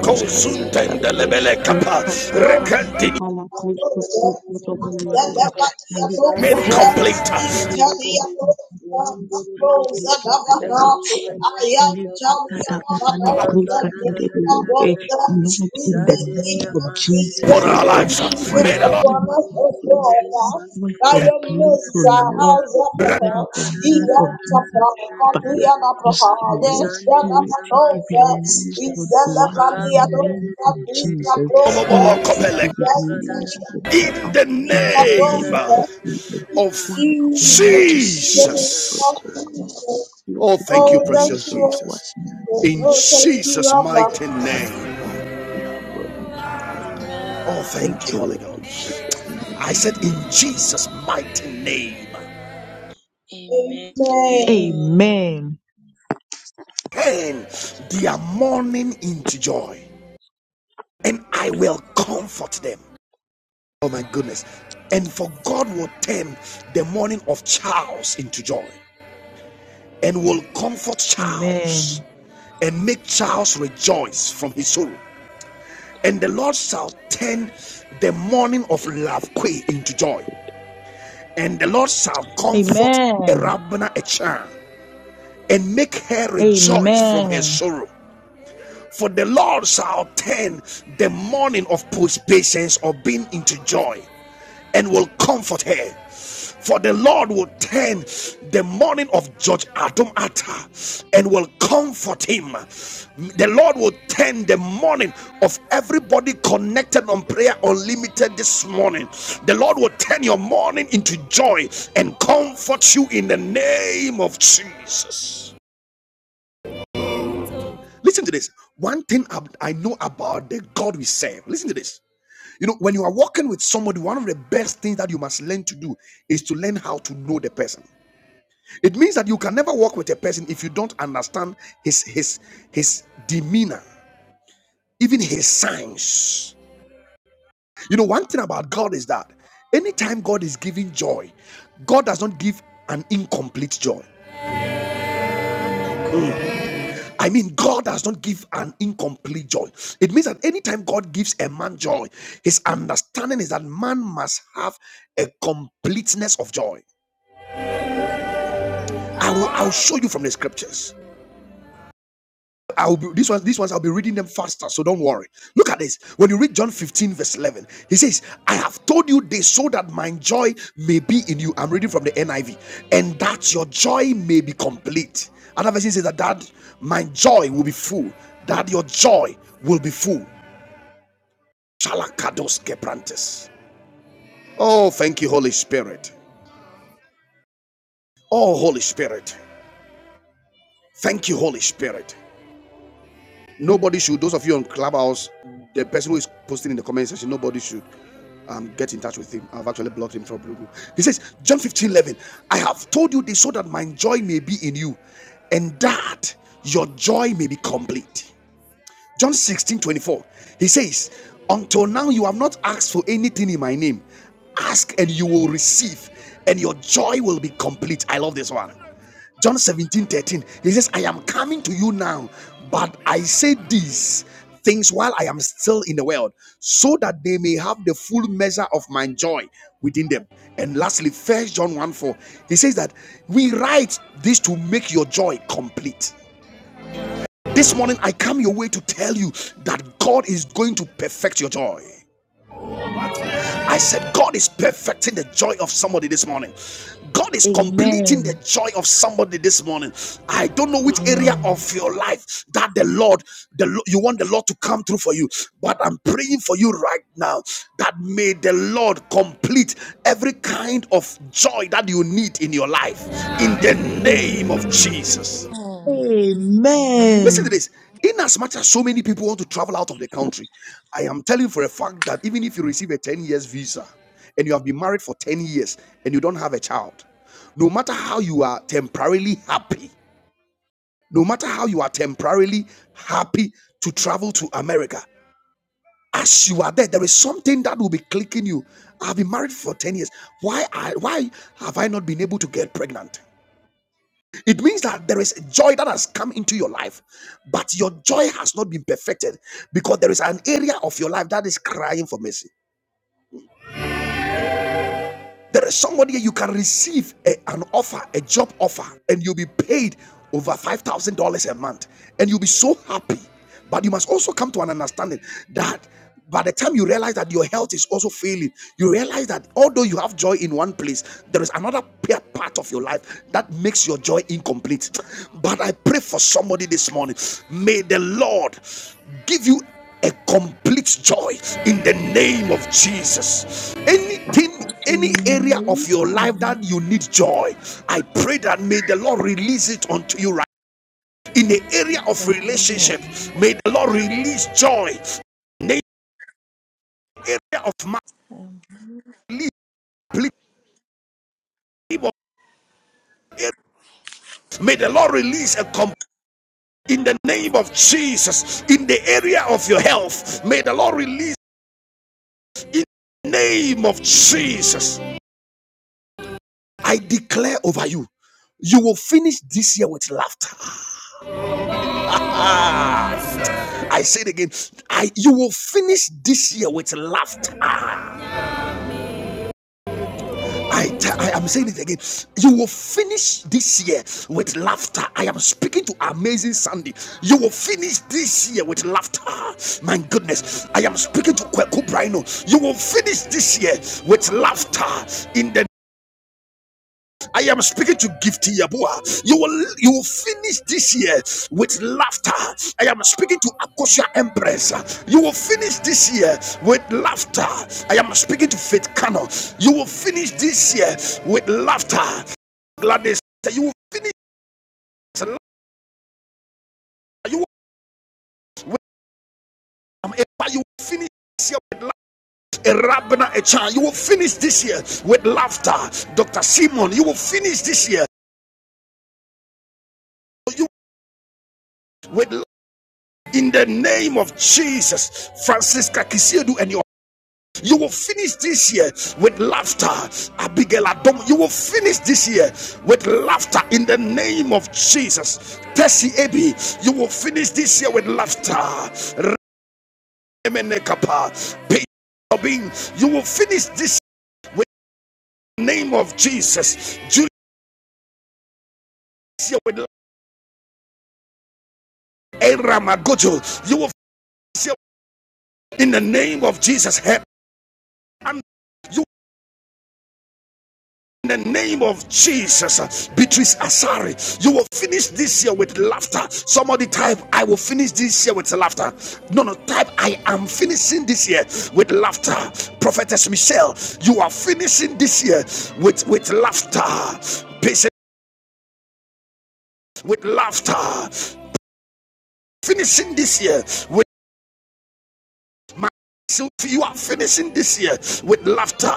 Speaker 1: Kosuntendelebele kapa. Rekatini
Speaker 4: In the
Speaker 1: remain complete
Speaker 2: Mandirididi Ram
Speaker 1: for our,
Speaker 4: name of
Speaker 1: for
Speaker 4: Jesus,
Speaker 1: our
Speaker 4: we
Speaker 1: lives.
Speaker 4: leave it
Speaker 1: May the Lord
Speaker 4: upon us, O
Speaker 2: Dirididi
Speaker 4: God. By
Speaker 2: Shandelia
Speaker 4: your I am Mesa,
Speaker 2: Magadadada
Speaker 4: Alzapaha, Iantapaka, Nianapaha,
Speaker 2: Shandelia
Speaker 4: Yanapakova,
Speaker 2: Mandelede
Speaker 4: Izelavania, Nika
Speaker 2: Ramdelede
Speaker 4: Brova,
Speaker 2: Shandelia
Speaker 1: kopele
Speaker 2: Magadadadada
Speaker 1: in the
Speaker 4: Nika
Speaker 1: name
Speaker 4: Brova,
Speaker 2: Magadadadadadadada
Speaker 1: of
Speaker 2: Oh
Speaker 4: Jesus, in the
Speaker 2: Jesus
Speaker 4: name
Speaker 1: Jesus.
Speaker 4: of
Speaker 2: Christ.
Speaker 4: Jesus.
Speaker 1: Oh, thank you,
Speaker 4: Oh, thank
Speaker 1: precious
Speaker 4: you, Lord
Speaker 1: Jesus.
Speaker 4: Jesus.
Speaker 1: In
Speaker 4: Oh, thank you,
Speaker 1: Jesus'
Speaker 4: Abba.
Speaker 1: mighty name. Oh,
Speaker 2: Amen.
Speaker 1: thank you, Holy Ghost. I said, In Jesus' mighty name.
Speaker 2: Amen.
Speaker 4: Amen.
Speaker 1: Turn their mourning into joy, and I will comfort them. Oh, my goodness. And for God will turn the mourning of Charles into joy, and will comfort Charles, and make Charles rejoice from his sorrow. And the Lord shall turn the mourning of Lavque into joy, And the Lord shall comfort a
Speaker 5: Amen.
Speaker 1: Rabbanah, a child, and make her rejoice from her
Speaker 5: Amen.
Speaker 1: sorrow. For the Lord shall turn the mourning of patience or being into joy and will comfort her. For the Lord will turn the mourning of Judge Adam Atta and will comfort him. The Lord will turn the mourning of everybody connected on Prayer Unlimited this morning. The Lord will turn your mourning into joy and comfort you in the name of Jesus. Listen to this. One thing ab- I know about the God we serve. Listen to this. You know, when you are walking with somebody, one of the best things that you must learn to do is to learn how to know the person. It means that you can never walk with a person if you don't understand his his his demeanor, even his signs. You know, one thing about God is that anytime God is giving joy, God does not give an incomplete joy. I mean, God does not give an incomplete joy. It means that anytime God gives a man joy, his understanding is that man must have a completeness of joy. I will I'll show you from the scriptures. I will be these ones, these ones I'll be reading them faster, so don't worry. Look at this. When you read John 15, verse 11, he says, I have told you this so that my joy may be in you. I'm reading from the NIV, and that your joy may be complete. Another version says that, that my joy will be full, that your joy will be full. Shalakados Keprantes. Oh, thank you, Holy Spirit. Oh, Holy Spirit. Thank you, Holy Spirit. Nobody should, those of you on Clubhouse, the person who is posting in the comment section, nobody should um, get in touch with him. I've actually blocked him from Blue. He says, John 15 11. I have told you this so that my joy may be in you and that your joy may be complete. John 16 24, He says, Until now you have not asked for anything in my name. Ask and you will receive, and your joy will be complete. I love this one. John 17 13, He says, I am coming to you now, but I say these things while I am still in the world, so that they may have the full measure of my joy within them. And lastly, first John 1 4. He says that we write this to make your joy complete. This morning, I come your way to tell you that God is going to perfect your joy. I said, God is perfecting the joy of somebody this morning. God is completing the
Speaker 5: Amen.
Speaker 1: joy of somebody this morning. I don't know which area
Speaker 5: Amen.
Speaker 1: of your life that the Lord, the you want the Lord to come through for you, but I'm praying for you right now that may the Lord complete every kind of joy that you need in your life in the name of Jesus.
Speaker 6: Amen.
Speaker 1: Listen
Speaker 6: Amen.
Speaker 1: to this. In as much as so many people want to travel out of the country, I am telling you for a fact that even if you receive a 10 years visa and you have been married for 10 years and you don't have a child, no matter how you are temporarily happy, no matter how you are temporarily happy to travel to America, as you are there, there is something that will be clicking you. I've been married for 10 years. Why I why have I not been able to get pregnant? It means that there is a joy that has come into your life, but your joy has not been perfected because there is an area of your life that is crying for mercy. There is somebody you can receive a- an offer, a job offer, and you'll be paid over $5,000 a month, and you'll be so happy. But you must also come to an understanding that by the time you realize that your health is also failing, you realize that although you have joy in one place, there is another pa- part of your life that makes your joy incomplete. But I pray for somebody this morning. May the Lord give you a complete joy in the name of Jesus. Anything any area of your life that you need joy, I pray that may the Lord release it unto you right. In the area of relationship,
Speaker 6: Amen.
Speaker 1: may the Lord release joy. In the area of my
Speaker 6: Amen.
Speaker 1: release, may the Lord release a complete in the name of Jesus. In the area of your health, may the Lord release in the name of Jesus. I declare over you, you will finish this year with laughter. Ah. I say it again. I you will finish this year with laughter. I t- I am saying it again. You will finish this year with laughter. I am speaking to amazing Sandy. You will finish this year with laughter. My goodness, I am speaking to Kweku Brino. You will finish this year with laughter in the I am speaking to Gifty Yabua. You will you will finish this year with laughter. I am speaking to Akosia Empress. You will finish this year with laughter. I am speaking to Faith Kano. You will finish this year with laughter. Gladys, you will finish with laughter. You will, you will finish this year with laughter. A Rabna Echan, you will finish this year with laughter. Dr. Simon, you will finish this year. You with in the name of Jesus, Francisca Kisiedu and your you will finish this year with laughter, Abigail Adom. You will finish this year with laughter in the name of Jesus. Tessie Abi, you will finish this year with laughter. Remenekapa, Pe- Obin, you will finish this year with the name of Jesus. Julius here with Eramagojo, you will finish here in the name of Jesus. you. In the name of Jesus, Beatrice Asari, you will finish this year with laughter. Somebody type, I will finish this year with laughter. No, no, type, I am finishing this year with laughter. Prophetess Michelle, you are finishing this year with, with laughter. Patient with laughter. Finishing this year with my so you are finishing this year with laughter.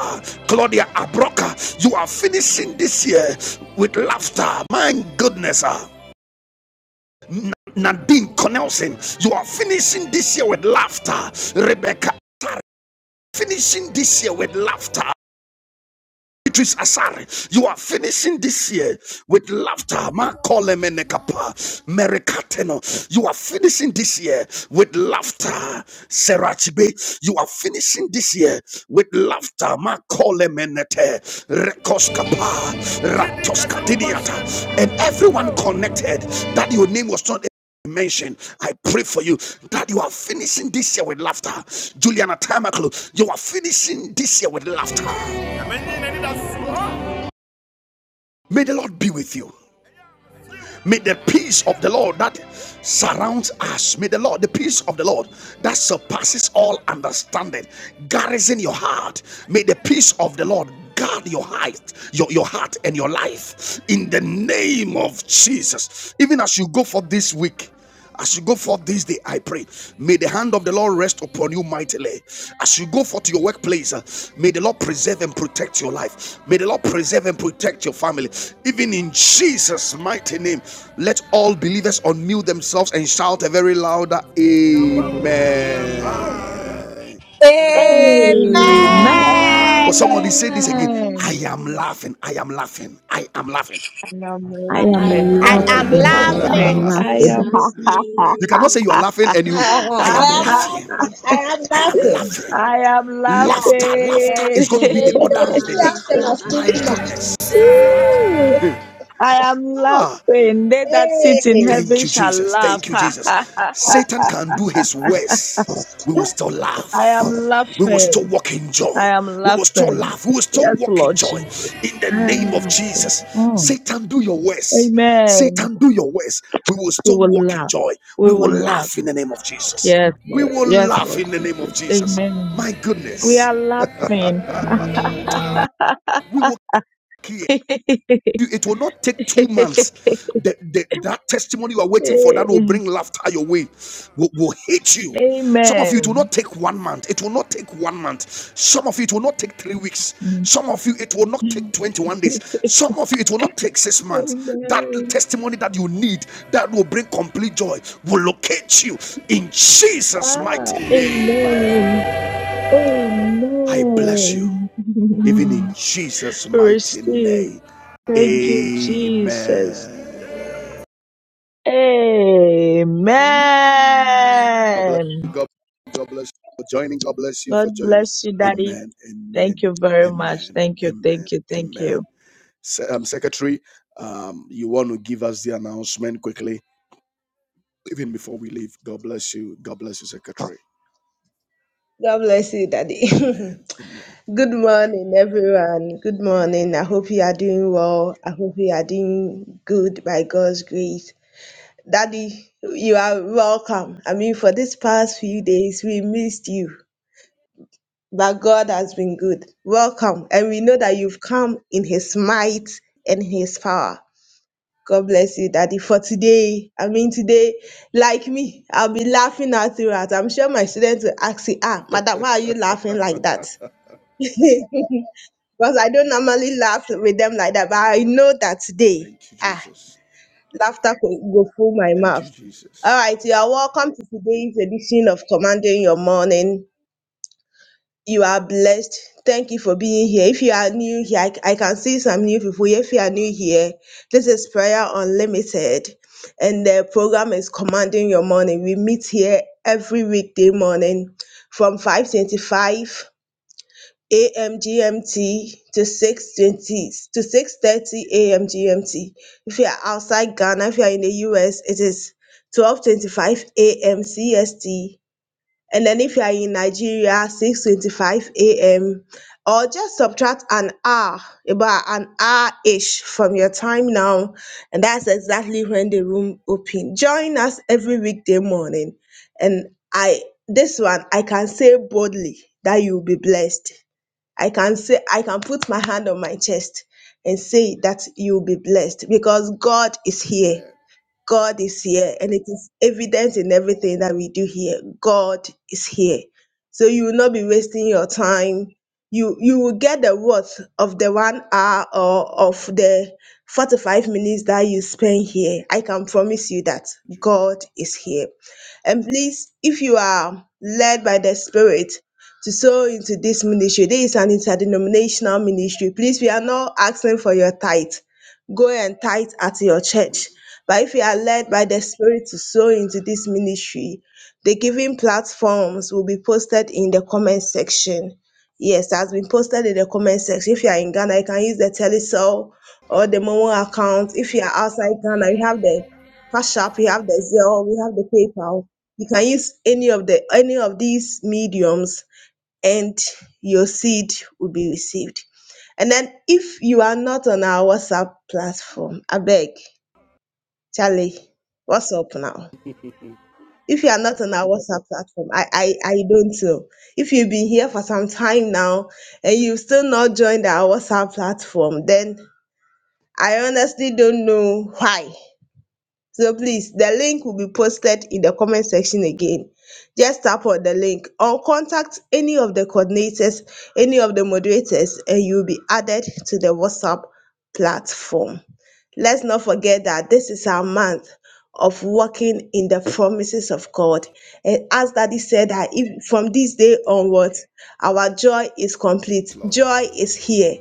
Speaker 1: Claudia Abroca, you are finishing this year with laughter. My goodness. sir. Nadine Cornelson, you are finishing this year with laughter. Rebecca, finishing this year with laughter. Beatrice Asare, you are finishing this year with laughter. Makolemenekapa, Merikateno, you are finishing this year with laughter. Serachibe, you are finishing this year with laughter. Makolemenete, Rekoskapa, Ratoskatiniata, and everyone connected that your name was not mentioned. i pray for you that you are finishing this year with laughter juliana tamaklu you are finishing this year with laughter May the Lord be with you. May the peace of the Lord that surrounds us, may the Lord, the peace of the Lord that surpasses all understanding, garrison your heart. May the peace of the Lord guard your heart, your, your heart and your life in the name of Jesus. Even as you go for this week, as you go forth this day, I pray, may the hand of the Lord rest upon you mightily. As you go forth to your workplace, uh, may the Lord preserve and protect your life. May the Lord preserve and protect your family. Even in Jesus' mighty name, let all believers unmute themselves and shout a very louder Amen.
Speaker 7: Amen.
Speaker 8: Amen.
Speaker 1: But somebody say this again I am
Speaker 2: Amen.
Speaker 1: laughing. I am laughing. I am laughing.
Speaker 8: I'm
Speaker 2: I
Speaker 8: laughing. I
Speaker 2: am
Speaker 7: I am
Speaker 8: am
Speaker 2: laughing
Speaker 7: laughing.
Speaker 2: in
Speaker 8: laughing. I am.
Speaker 2: Jesus'
Speaker 1: You cannot say
Speaker 2: name.
Speaker 1: you are laughing and you, I am laughing. I am laughing. Laughter, laughter
Speaker 2: Jesus'
Speaker 1: is going to be the
Speaker 2: name. ah,
Speaker 1: order of the day.
Speaker 2: ah, ah,
Speaker 1: My
Speaker 2: ah.
Speaker 1: goodness. Ah, thank you, Jesus. Thank you, Jesus. Satan can do his worst. We will still laugh. We will still walk in joy. We will still laugh. We will still walk in joy. In the name of Jesus.
Speaker 5: Mm.
Speaker 1: Satan, do your worst.
Speaker 5: Amen.
Speaker 1: Satan, do your worst. We will still walk in joy. We will laugh in the name of Jesus. We will laugh in the name of Jesus. My
Speaker 5: We
Speaker 1: goodness.
Speaker 5: are laughing.
Speaker 1: We will. care. it will not take two months. That, that, that testimony you are waiting for that will bring laughter your way, will, will hit you. Some of
Speaker 5: Amen.
Speaker 1: you, it will not take one month. It will not take one month. Some of you, it will not take three weeks. Some of you, it will not take 21 days. Some of you, it will not take six months. That testimony that you need that will bring complete joy will locate you in Jesus' mighty name. I bless you, even in Jesus' mighty name. Amen. God bless you. God, God bless you for joining. God bless you for joining. Amen. Amen. Amen. Amen. Amen. Se- um, Secretary, um, you want to give us the announcement quickly, even before we leave. God bless you. God bless you, Secretary.
Speaker 4: God bless you, Daddy.
Speaker 1: Amen. Amen.
Speaker 4: Good morning, everyone. Good
Speaker 1: Good
Speaker 4: morning.
Speaker 1: morning.
Speaker 4: I hope you are doing well. I hope you are doing good by God's grace. Daddy, you are welcome. I mean, for these past few days, we missed you, but God has been good. Welcome. And we know that you've come in His might and His power. God bless you, Daddy. For today, I mean, today, like me, I'll be laughing out throughout. I'm sure my students will ask you, ah, Madam, why are you laughing like that? because I don't normally laugh with them like that. But I know that today,
Speaker 1: Thank you,
Speaker 4: ah,
Speaker 1: Jesus.
Speaker 4: laughter go go full my
Speaker 1: Thank
Speaker 4: mouth.
Speaker 1: you,
Speaker 4: All
Speaker 1: Jesus.
Speaker 4: right, you are welcome to today's edition of Commanding Your Morning. You are blessed. Thank you for being here. If you are new here, I, I can see some new people. If you are new here, this is Prayer Unlimited, and the program is Commanding Your Morning. We meet here every weekday morning from 5:25 a.m. GMT to 6:20 I can say, I can put my hand on my chest and say that you'll be blessed because God is here.
Speaker 1: Amen.
Speaker 4: God is here, and it is evident in everything that we do here. God is here. So you will not be wasting your time. You you will get the worth of the one hour or of the 45 minutes that you spend here. I can promise you that God is here. And please, if you are led by the Spirit to sow into this ministry, this is an interdenominational ministry. Please, we are not asking for your tithe. Go and tithe at your church. But if you are led by the Spirit to sow into this ministry, the giving platforms will be posted in the comment section. Yes, that's been posted in the comment section. If you are in Ghana, you can use the Telecel or the Momo account. If you are outside Ghana, you have the Cash App, you have the Zelle, we have the PayPal. You can use any of the any of these mediums and your seed will be received. And then if you are not on our WhatsApp platform, I beg, Charlie, what's up now? If you are not on our WhatsApp platform, I, I, I don't know. If you've been here for some time now and you've still not joined our WhatsApp platform, then I honestly don't know why. So please, the link will be posted in the comment section again. Just tap on the link or contact any of the coordinators, any of the moderators, and you'll be added to the WhatsApp platform. Let's not forget that this is our month of walking in the promises of God. And as Daddy said, that if, from this day onwards, our joy is complete.
Speaker 1: Yes, Lord.
Speaker 4: Joy is here.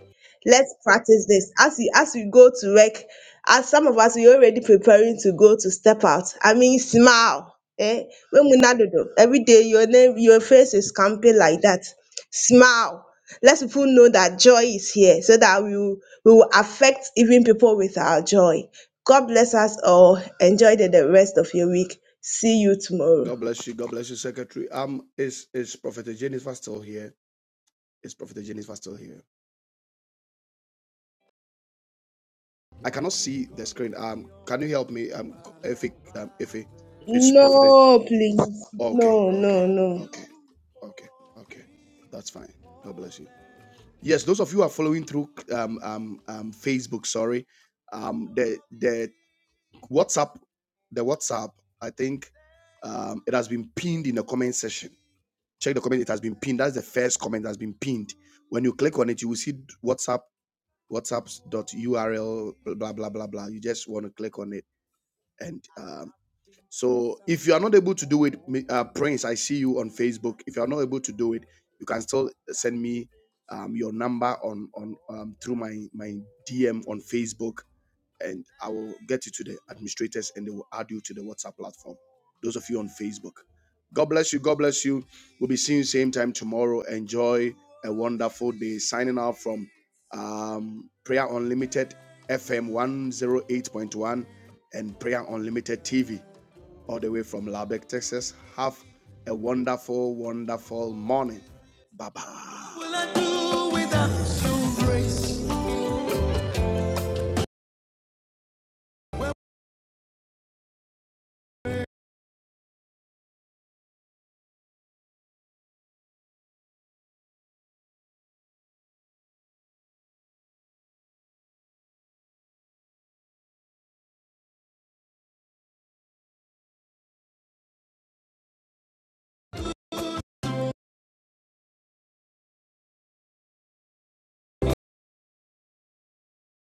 Speaker 4: Let's practice this. As we as we go to work, as some of us we already preparing to go to step out. I mean smile. Eh? When we not do do- every day your name your face is camping like that. Smile. Let people know that joy is here so that we will, we will affect even people with our joy. God bless us all. Enjoy the, the rest of your week. See you tomorrow.
Speaker 1: God bless you. God bless you, Secretary. Um, is is Prophet Jennifer still here? Is Prophet Jennifer still here? I cannot see the screen. Um, can you help me? Um, if it, um, if it, it's prophetess.
Speaker 4: No, please.
Speaker 1: Okay,
Speaker 4: No,
Speaker 1: okay,
Speaker 4: no, no.
Speaker 1: okay, okay, okay. That's fine. God bless you. Yes, those of you who are following through um, um, um, Facebook. Sorry, um, the the WhatsApp, the WhatsApp. I think um, it has been pinned in the comment section. Check the comment. It has been pinned. That's the first comment that has been pinned. When you click on it, you will see WhatsApp WhatsApp dot URL. blah blah blah blah. You just want to click on it and um, so, if you are not able to do it, me- uh, Prince, I see you on Facebook. If you are not able to do it, you can still send me um, your number on on um, through my my DM on Facebook, and I will get you to the administrators, and they will add you to the WhatsApp platform. Those of you on Facebook, God bless you. Um, and Limited TV, all the way from Lubbock, Texas. Have a wonderful, bye bye.